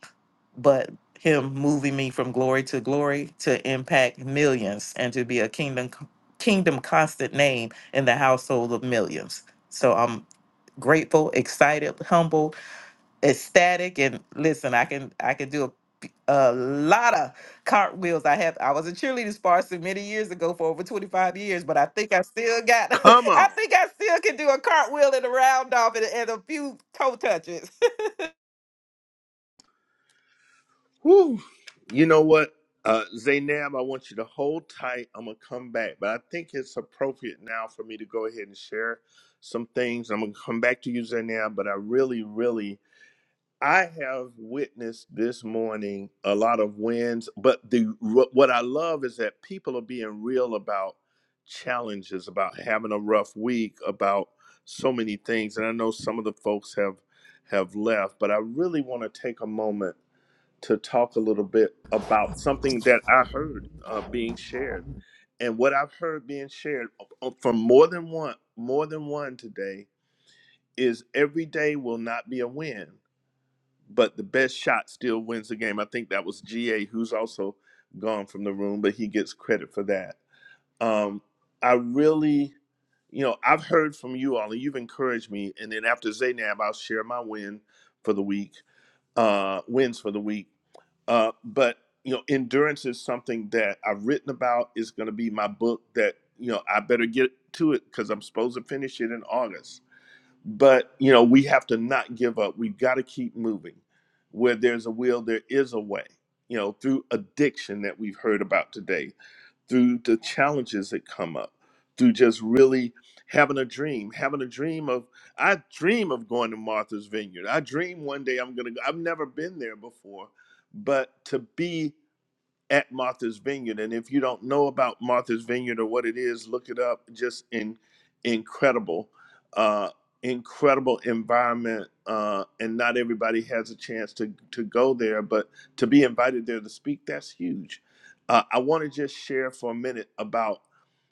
[SPEAKER 14] but Him moving me from glory to glory to impact millions and to be a kingdom kingdom constant name in the household of millions. So I'm grateful, excited, humble, ecstatic and listen i can i can do a a lot of cartwheels i have i was a cheerleading sponsor many years ago for over 25 years but i think i still got [laughs]
[SPEAKER 1] Come
[SPEAKER 14] i
[SPEAKER 1] on.
[SPEAKER 14] think i still can do a cartwheel and a round off and, and a few toe touches
[SPEAKER 1] Woo. You know what? Uh, Zaynab, I want you to hold tight. I'm going to come back. But I think it's appropriate now for me to go ahead and share some things. I'm going to come back to you, Zaynab, but I really, really I have witnessed this morning a lot of wins, but the what what I love is that people are being real about challenges, about having a rough week, about so many things. And I know some of the folks have have left, but I really want to take a moment to talk a little bit about something that I heard uh, being shared, and what I've heard being shared uh, uh, from more than one more than one today is every day will not be a win but the best shot still wins the game. I think that was GA, who's also gone from the room, but he gets credit for that. Um, I really, you know, I've heard from you all, and you've encouraged me. And then after Zaynab, I'll share my win for the week, uh, wins for the week. Uh, but you know, endurance is something that I've written about. Is going to be my book that you know I better get to it because I'm supposed to finish it in August but you know we have to not give up we've got to keep moving where there's a will there is a way you know through addiction that we've heard about today through the challenges that come up through just really having a dream having a dream of i dream of going to martha's vineyard i dream one day i'm gonna go i've never been there before but to be at Martha's Vineyard. And if you don't know about Martha's Vineyard or what it is, look it up. Just in incredible, uh, incredible environment. Uh, and not everybody has a chance to to go there, but to be invited there to speak, that's huge. Uh, I want to just share for a minute about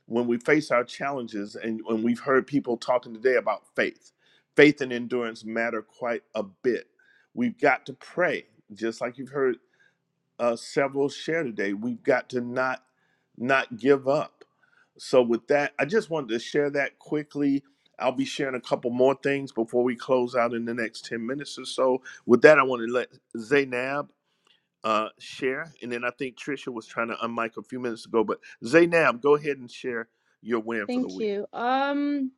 [SPEAKER 1] when we face our challenges and when we've heard people talking today about faith. Faith and endurance matter quite a bit. We've got to pray, just like you've heard uh, several share today. We've got to not not give up. So with that, I just wanted to share that quickly. I'll be sharing a couple more things before we close out in the next ten minutes or so. With that, I want to let Zainab uh, share, and then I think Trisha was trying to unmic a few minutes ago. But Zainab, go ahead and share your win for the
[SPEAKER 15] Thank
[SPEAKER 1] week.
[SPEAKER 15] you. Um,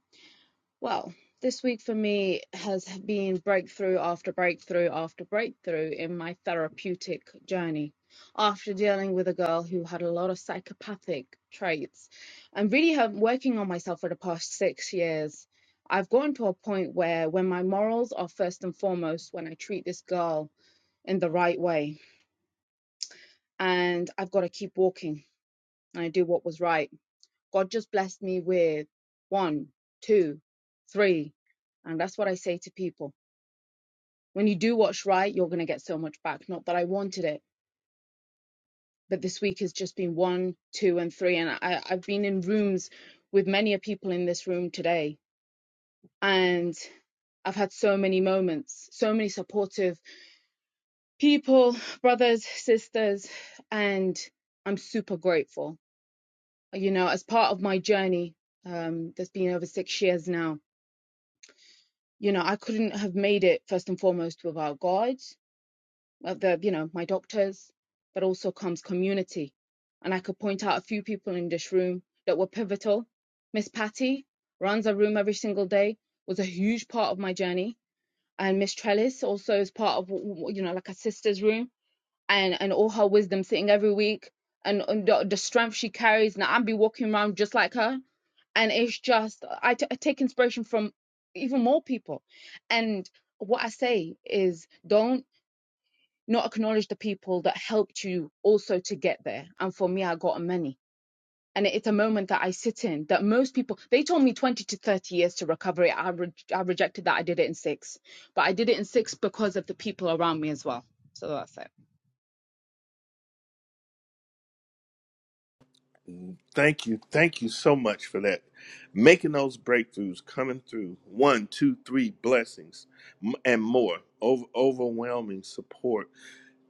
[SPEAKER 15] well, this week for me has been breakthrough after breakthrough after breakthrough in my therapeutic journey. After dealing with a girl who had a lot of psychopathic traits and really have working on myself for the past six years, I've gotten to a point where when my morals are first and foremost when I treat this girl in the right way, and I've got to keep walking and I do what was right God just blessed me with one, two, three. And that's what I say to people. When you do what's right, you're going to get so much back. Not that I wanted it, but this week has just been one, two, and three. And I, I've been in rooms with many a people in this room today. And I've had so many moments, so many supportive people, brothers, sisters, and I'm super grateful. You know, as part of my journey, um, that's been over six years now You know, I couldn't have made it first and foremost without God, well, the you know my doctors, but also comes community, and I could point out a few people in this room that were pivotal. Miss Patty runs a room every single day, was a huge part of my journey, and Miss Trellis also is part of w- w- you know like a sister's room, and and all her wisdom sitting every week, and, and the, the strength she carries. Now I'd be walking around just like her and it's just I t- I take inspiration from even more people and what i say is don't not acknowledge the people that helped you also to get there and for me i got many and it's a moment that i sit in that most people they told me 20 to 30 years to recover it i, re- I rejected that i did it in six but i did it in six because of the people around me as well so that's it
[SPEAKER 1] Thank you. Thank you so much for that. Making those breakthroughs coming through. One, two, three blessings m- and more. Over, overwhelming support.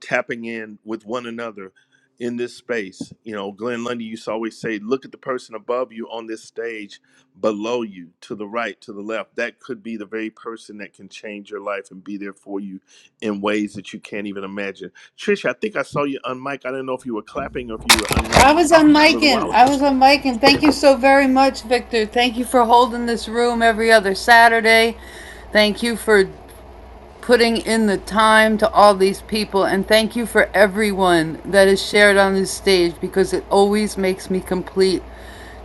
[SPEAKER 1] Tapping in with one another in this space. You know, Glenn Lundy used to always say, look at the person above you on this stage, below you, to the right, to the left. That could be the very person that can change your life and be there for you in ways that you can't even imagine. Trish, I think I saw you unmic. I didn't know if you were clapping or if you were
[SPEAKER 3] I
[SPEAKER 1] unmicing
[SPEAKER 3] was on
[SPEAKER 1] a
[SPEAKER 3] mic
[SPEAKER 1] little
[SPEAKER 3] and
[SPEAKER 1] while
[SPEAKER 3] I
[SPEAKER 1] ago.
[SPEAKER 3] was on mic and thank you so very much, Victor. Thank you for holding this room every other Saturday. Thank you for putting in the time to all these people and thank you for everyone that is shared on this stage because it always makes me complete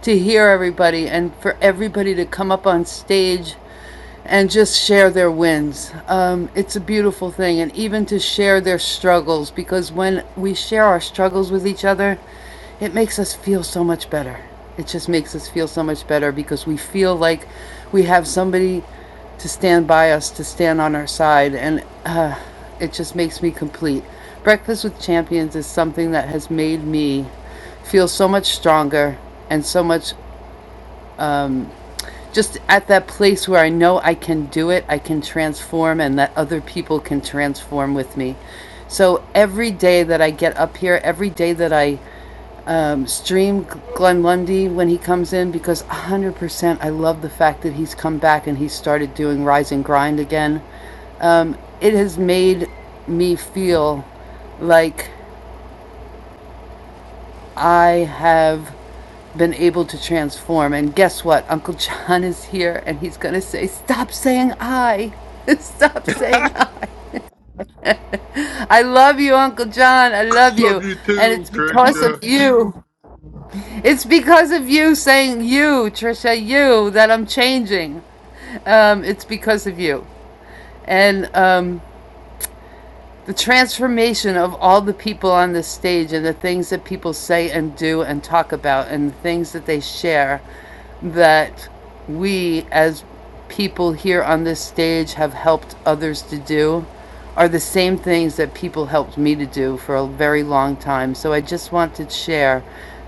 [SPEAKER 3] to hear everybody and for everybody to come up on stage and just share their wins. Um, it's a beautiful thing, and even to share their struggles because when we share our struggles with each other, it makes us feel so much better. It just makes us feel so much better because we feel like we have somebody to stand by us, to stand on our side, and uh, it just makes me complete. Breakfast with Champions is something that has made me feel so much stronger and so much just at that place where I know I can do it, I can transform, and that other people can transform with me. So every day that I get up here, every day that I um, stream Glenn Lundy when he comes in, because 100% I love the fact that he's come back and he started doing Rise and Grind again. Um, it has made me feel like I have been able to transform. And guess what? Uncle John is here and he's going to say, Stop saying I. [laughs] Stop
[SPEAKER 1] [laughs]
[SPEAKER 3] saying
[SPEAKER 1] Woohoo!
[SPEAKER 3] I. I love you, Uncle John. I love
[SPEAKER 16] Love
[SPEAKER 3] you.
[SPEAKER 16] you
[SPEAKER 3] And
[SPEAKER 16] too,
[SPEAKER 3] it's because of
[SPEAKER 16] Trisha.
[SPEAKER 3] you. It's because of you saying you, Trisha, you, that I'm changing. Um, it's because of you. And um, the transformation of all the people on this stage and the things that people say and do and talk about and the things that they share that we as people here on this stage have helped others to do are the same things that people helped me to do for a very long time. So I just want to share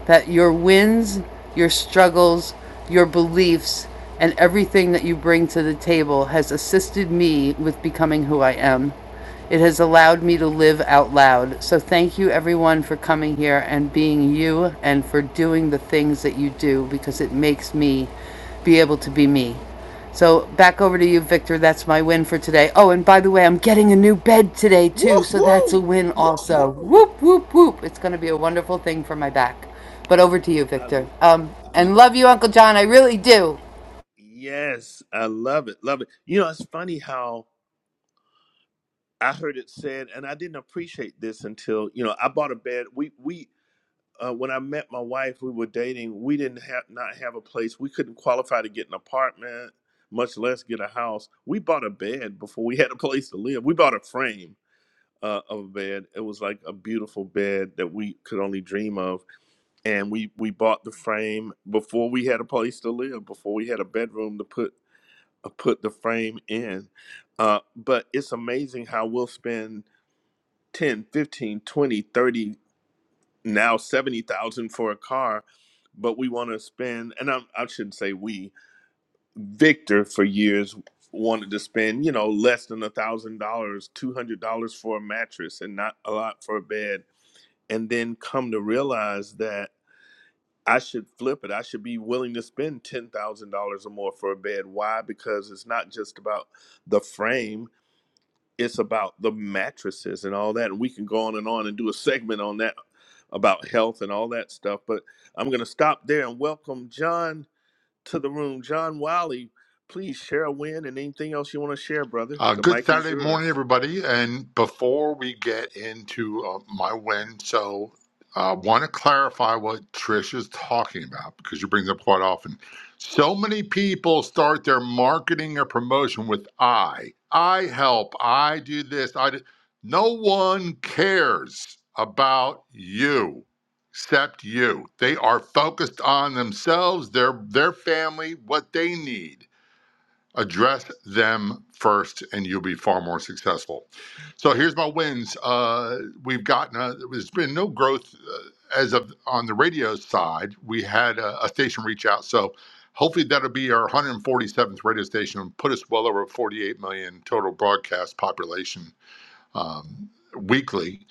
[SPEAKER 3] that your wins, your struggles, your beliefs, and everything that you bring to the table has assisted me with becoming who I am. It has allowed me to live out loud. So thank you everyone for coming here and being you and for doing the things that you do because it makes me be able to be me. So back over to you, Victor. That's my win for today. Oh, and by the way, I'm getting a new bed today too, so that's a win also. Whoop whoop whoop! It's going to be a wonderful thing for my back. But over to you,
[SPEAKER 1] I,
[SPEAKER 3] Victor. Um, and love you, Uncle John. I really do.
[SPEAKER 1] yes, I love it. Love it. You know, it's funny how I heard it said, and I didn't appreciate this until, you know, I bought a bed. We, we, uh, when I met my wife, we were dating. We didn't have not have a place. We couldn't qualify to get an apartment, much less get a house. We bought a bed before we had a place to live. We bought a frame uh, of a bed. It was like a beautiful bed that we could only dream of and we we bought the frame before we had a place to live before we had a bedroom to put uh, put the frame in uh, but it's amazing how we'll spend 10 15 20 30 now 70000 for a car but we want to spend and I, I shouldn't say we victor for years wanted to spend you know less than a thousand dollars two hundred dollars for a mattress and not a lot for a bed and then come to realize that I should flip it. I should be willing to spend ten thousand dollars or more for a bed. Why? Because it's not just about the frame; it's about the mattresses and all that. And we can go on and on and do a segment on that about health and all that stuff. But I'm going to stop there and welcome John to the room. John Wiley, please share a win and anything else you want to share, brother.
[SPEAKER 16] Uh,
[SPEAKER 1] The
[SPEAKER 16] good
[SPEAKER 1] mic is
[SPEAKER 16] Saturday morning,
[SPEAKER 1] yours.
[SPEAKER 16] everybody. And before we get into uh, my win, so I uh, want to clarify what Trish is talking about because she brings up quite often. So many people start their marketing or promotion with I. I help. I do this. I do. No one cares about you except you. They are focused on themselves, their their family, what they need address them first and you'll be far more successful so here's my wins uh, we've gotten uh there's been no growth uh, as of on the radio side we had a, a station reach out so hopefully that'll be our 147th radio station and put us well over 48 million total broadcast population um, weekly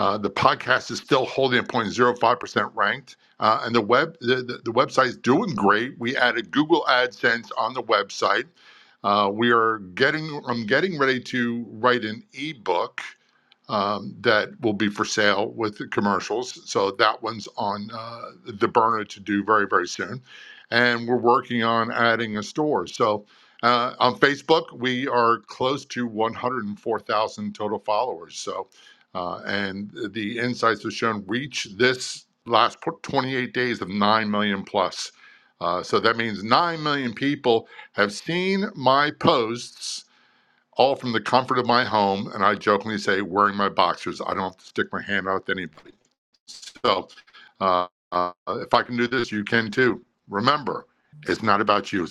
[SPEAKER 16] uh, the podcast is still holding at 0.05% ranked uh, and the web the, the, the website's doing great we added google adsense on the website uh, we are getting. I'm getting ready to write an ebook um, that will be for sale with the commercials. So that one's on uh, the burner to do very, very soon. And we're working on adding a store. So uh, on Facebook, we are close to 104,000 total followers. So, uh, and the insights have shown reach this last 28 days of 9 million plus. Uh, so that means 9 million people have seen my posts all from the comfort of my home. And I jokingly say, wearing my boxers. I don't have to stick my hand out to anybody. So uh, uh, if I can do this, you can too. Remember, it's not about you, It's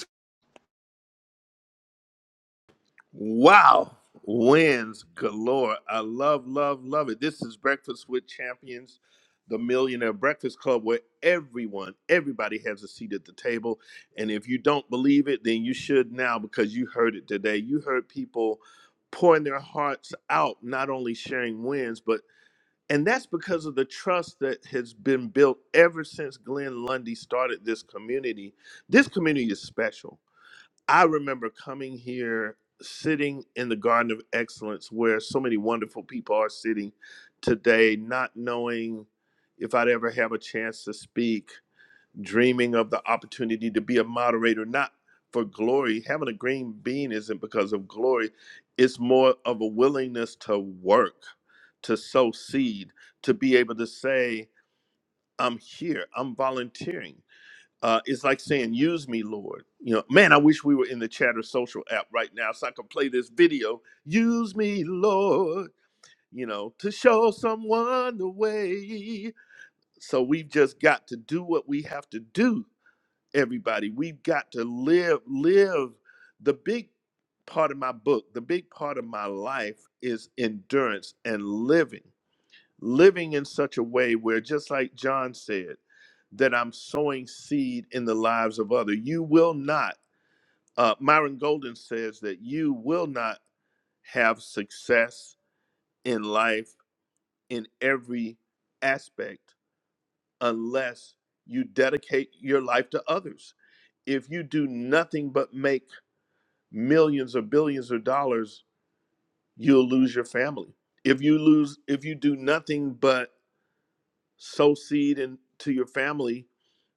[SPEAKER 1] Wow. Wins galore. I love, love, love it. This is Breakfast with Champions, the Millionaire Breakfast Club, where everyone, everybody has a seat at the table. And if you don't believe it, then you should now because you heard it today. You heard people pouring their hearts out, not only sharing wins, but and that's because of the trust that has been built ever since Glenn Lundy started this community. This community is special I remember coming here, sitting in the Garden of Excellence where so many wonderful people are sitting today, not knowing if I'd ever have a chance to speak, dreaming of the opportunity to be a moderator, not for glory. Having a green bean isn't because of glory, it's more of a willingness to work, to sow seed, to be able to say, I'm here, I'm volunteering uh, it's like saying, "Use me, Lord." You know, man, I wish we were in the Chatter Social app right now so I could play this video. Use me, Lord. You know, to show someone the way. So we've just got to do what we have to do. Everybody, we've got to live. Live the big part of my book. The big part of my life is endurance and living living in such a way where just like John said that I'm sowing seed in the lives of others, you will not uh, Myron Golden says that you will not have success in life in every aspect unless you dedicate your life to others if you do nothing but make millions or billions of dollars you'll lose your family if you lose if you do nothing but sow seed into your family,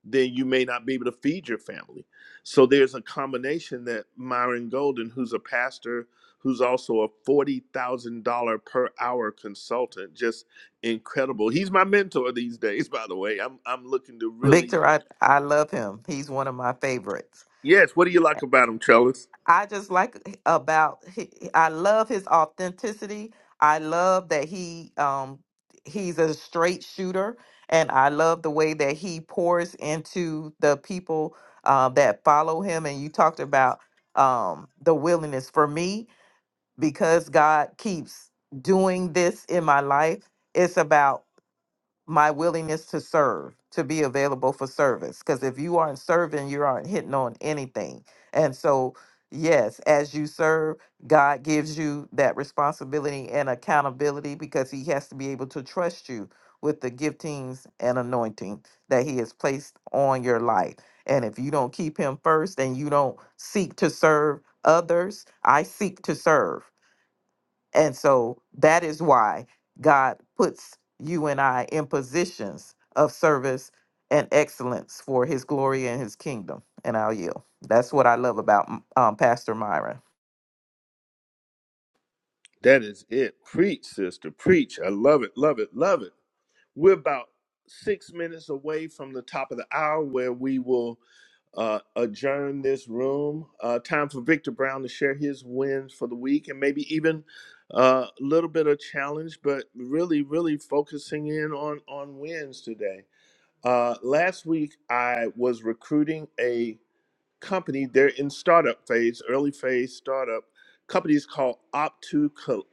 [SPEAKER 1] then you may not be able to feed your family. So there's a combination that Myron Golden, who's a pastor, who's also a forty thousand dollar per hour consultant, just incredible. He's my mentor these days, by the way. I'm I'm looking to
[SPEAKER 14] [laughs]
[SPEAKER 1] really
[SPEAKER 14] victor i i love him he's one of my favorites
[SPEAKER 1] yes. What do you like about him, Trellis?
[SPEAKER 14] I just like about he- I love his authenticity. I love that he um he's a straight shooter, and I love the way that he pours into the people uh, that follow him. And you talked about um the willingness for me because God keeps doing this in my life. It's about my willingness to serve, to be available for service. Because if you aren't serving, you aren't hitting on anything. And so, yes, as you serve, God gives you that responsibility and accountability because He has to be able to trust you with the giftings and anointing that He has placed on your life. And if you don't keep Him first and you don't seek to serve others, I seek to serve. And so that is why God puts you and I in positions of service and excellence for his glory and his kingdom. And I'll yield. That's what I love about um, Pastor Myron.
[SPEAKER 1] That is it. Preach, sister. Preach. I love it. Love it. Love it. We're about six minutes away from the top of the hour where we will uh, adjourn this room. Uh, time for Victor Brown to share his wins for the week and maybe even uh, a little bit of challenge, but really, really focusing in on, on wins today. Uh, last week, I was recruiting a company. They're in startup phase, early phase startup. companies called Opt2 Co-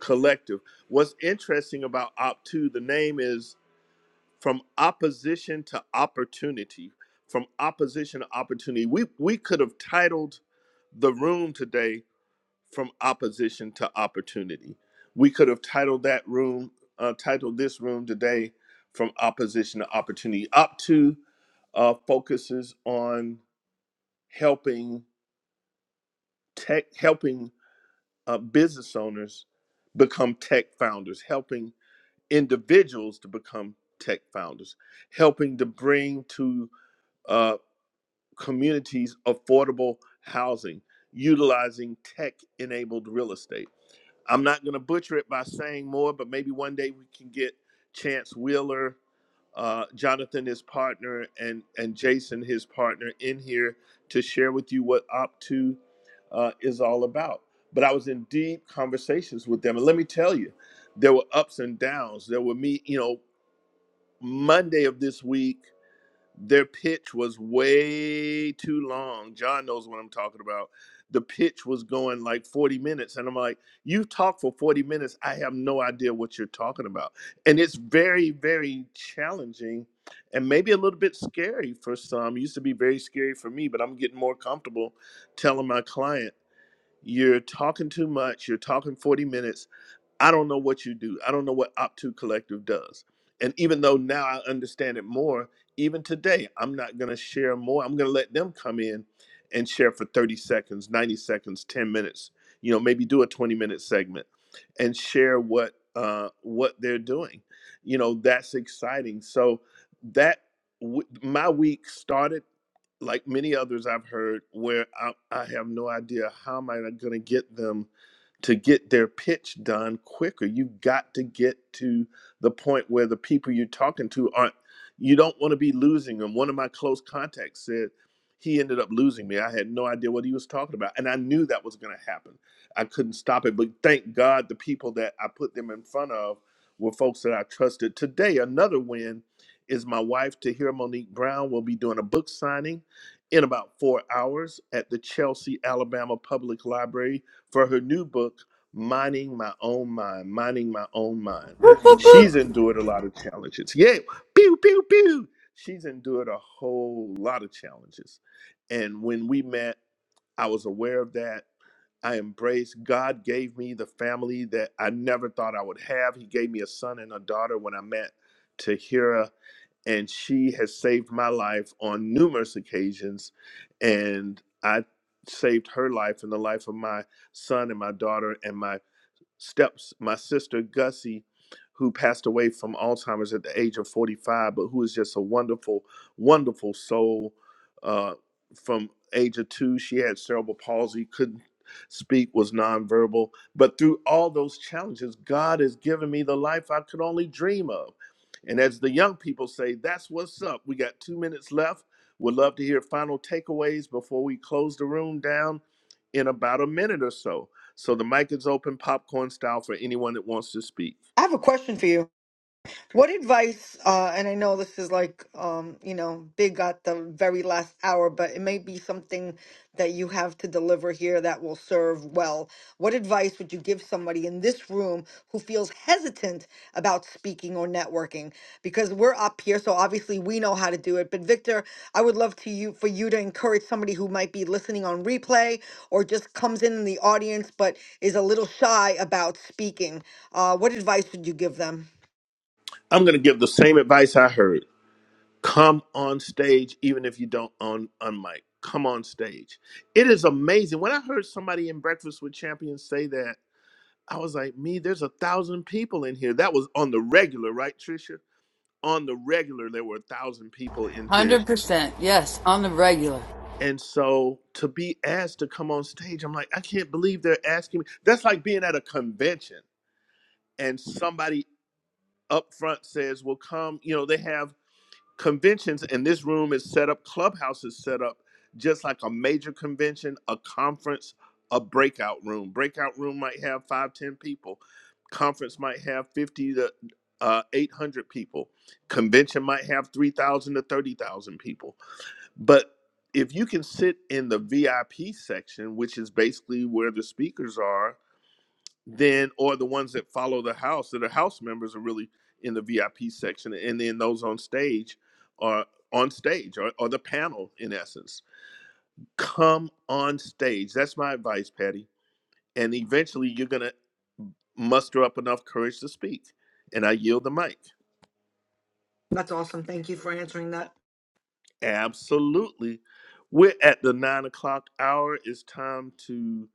[SPEAKER 1] Collective. What's interesting about Opt2, the name is from opposition to opportunity from opposition to opportunity we we could have titled the room today from opposition to opportunity we could have titled that room uh, titled this room today from opposition to opportunity up to uh, focuses on helping tech helping uh, business owners become tech founders helping individuals to become tech founders helping to bring to uh, communities affordable housing utilizing tech enabled real estate. I'm not going to butcher it by saying more, but maybe one day we can get Chance Wheeler, uh, Jonathan, his partner, and, and Jason, his partner, in here to share with you what Op2 uh, is all about. But I was in deep conversations with them. And let me tell you, there were ups and downs. There were me, you know, Monday of this week. Their pitch was way too long. John knows what I'm talking about. The pitch was going like 40 minutes. And I'm like, you talk for 40 minutes. I have no idea what you're talking about. And it's very, very challenging and maybe a little bit scary for some. It used to be very scary for me, but I'm getting more comfortable telling my client, you're talking too much. You're talking 40 minutes I don't know what you do. I don't know what Opt2 Collective does. And even though now I understand it more, even today, I'm not going to share more. I'm going to let them come in and share for 30 seconds, 90 seconds, 10 minutes, you know, maybe do a 20 minute segment and share what uh, what they're doing. You know, that's exciting. So that w- my week started like many others I've heard, where I, I have no idea how am I going to get them to get their pitch done quicker. You've got to get to the point where the people you're talking to aren't. You don't want to be losing them. One of my close contacts said he ended up losing me. I had no idea what he was talking about, and I knew that was going to happen. I couldn't stop it, but thank God the people that I put them in front of were folks that I trusted. Today, another win is my wife, Tahira Monique Brown, will be doing a book signing in about four hours at the Chelsea, Alabama Public Library for her new book, Mining My Own Mind. Mining My Own Mind. She's endured a lot of challenges. Yay! Pew, pew, pew! She's endured a whole lot of challenges. And when we met, I was aware of that. I embraced. God gave me the family that I never thought I would have. He gave me a son and a daughter when I met Tahira, and she has saved my life on numerous occasions. And I saved her life and the life of my son and my daughter and my steps my sister Gussie, who passed away from Alzheimer's at the age of 45, but who is just a wonderful, wonderful soul. Uh, from age of two, she had cerebral palsy, couldn't speak, was nonverbal. But through all those challenges, God has given me the life I could only dream of. And as the young people say, that's what's up. We got two minutes left. Would love to hear final takeaways before we close the room down in about a minute or so. So the mic is open, popcorn style, for anyone that wants to speak.
[SPEAKER 2] I have a question for you. What advice, uh, and I know this is like, um, you know, big at the very last hour, but it may be something that you have to deliver here that will serve well. What advice would you give somebody in this room who feels hesitant about speaking or networking? Because we're up here, so obviously we know how to do it. But Victor, I would love to you for you to encourage somebody who might be listening on replay or just comes in in the audience but is a little shy about speaking. Uh, what advice would you give them?
[SPEAKER 1] I'm going to give the same advice I heard. Come on stage, even if you don't on on mic. Come on stage. It is amazing. When I heard somebody in Breakfast with Champions say that, I was like, me, there's a thousand people in here. That was on the regular, right, Trisha? On the regular, there were a thousand people in here.
[SPEAKER 3] 100%. Yes, on the regular.
[SPEAKER 1] And so to be asked to come on stage, I'm like, I can't believe they're asking me. That's like being at a convention and somebody up front says, "Well, come." You know, they have conventions, and this room is set up. Clubhouse is set up just like a major convention, a conference, a breakout room. Breakout room might have five, ten people. Conference might have fifty to uh, eight hundred people. Convention might have three thousand to thirty thousand people. But if you can sit in the VIP section, which is basically where the speakers are, then or the ones that follow the house that are house members are really in the VIP section, and then those on stage are on stage or, or the panel in essence. Come on stage. That's my advice, Patty. And eventually, you're gonna muster up enough courage to speak. And I yield the mic.
[SPEAKER 2] That's awesome. Thank you for answering that.
[SPEAKER 1] Absolutely. We're at the nine o'clock hour. It's time to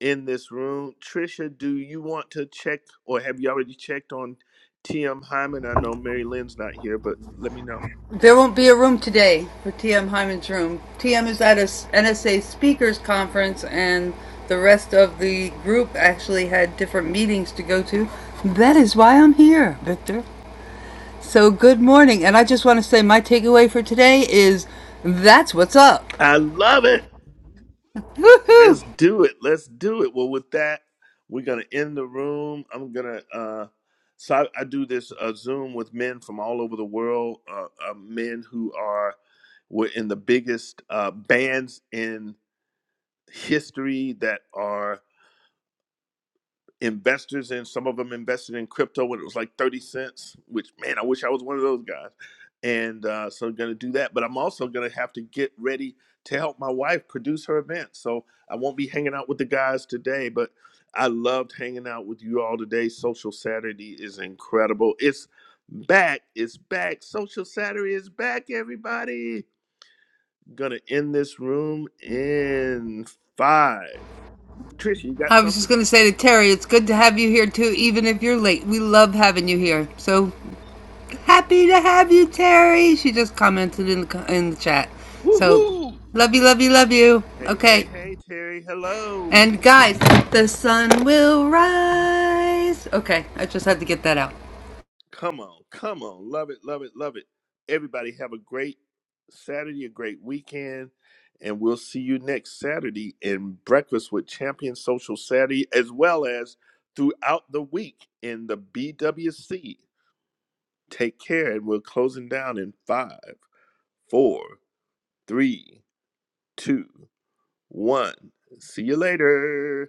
[SPEAKER 1] end this room. Trisha, do you want to check or have you already checked on TM Hyman? I know Mary Lynn's not here, but let me know.
[SPEAKER 3] There won't be a room today for TM Hyman's room. TM is at a N s- NSA speakers conference, and the rest of the group actually had different meetings to go to. That is why I'm here, Victor. So, good morning, and I just want to say my takeaway for today is that's what's up.
[SPEAKER 1] I love it.
[SPEAKER 3] Woohoo!
[SPEAKER 1] Let's do it. Let's do it. Well, with that, we're gonna end the room. I'm gonna uh so I, I do this uh, Zoom with men from all over the world, uh, uh, men who are were in the biggest uh, bands in history that are investors in. Some of them invested in crypto when it was like 30 cents, which, man, I wish I was one of those guys. And uh, so I'm going to do that. But I'm also going to have to get ready to help my wife produce her event. So I won't be hanging out with the guys today, but I loved hanging out with you all today. Social Saturday is incredible. It's back. It's back. Social Saturday is back, everybody. Gonna end this room in five. Trisha, you got
[SPEAKER 3] I was
[SPEAKER 1] something?
[SPEAKER 3] just going to say to Terry, it's good to have you here too, even if you're late. We love having you here. So Happy to have you, Terry. She just commented in the in the chat. So,
[SPEAKER 1] Woohoo!
[SPEAKER 3] love you, love you, love you.
[SPEAKER 1] Hey, hey,
[SPEAKER 3] Okay.
[SPEAKER 1] hey, Terry. Hello.
[SPEAKER 3] And guys, the sun will rise. Okay, I just had to get that out.
[SPEAKER 1] Come on, come on. Love it, love it, love it. Everybody have a great Saturday, a great weekend, and we'll see you next Saturday in Breakfast with Champion Social Saturday, as well as throughout the week in the BWC. Take care, and we're closing down in five, four, three, two, one. See you later.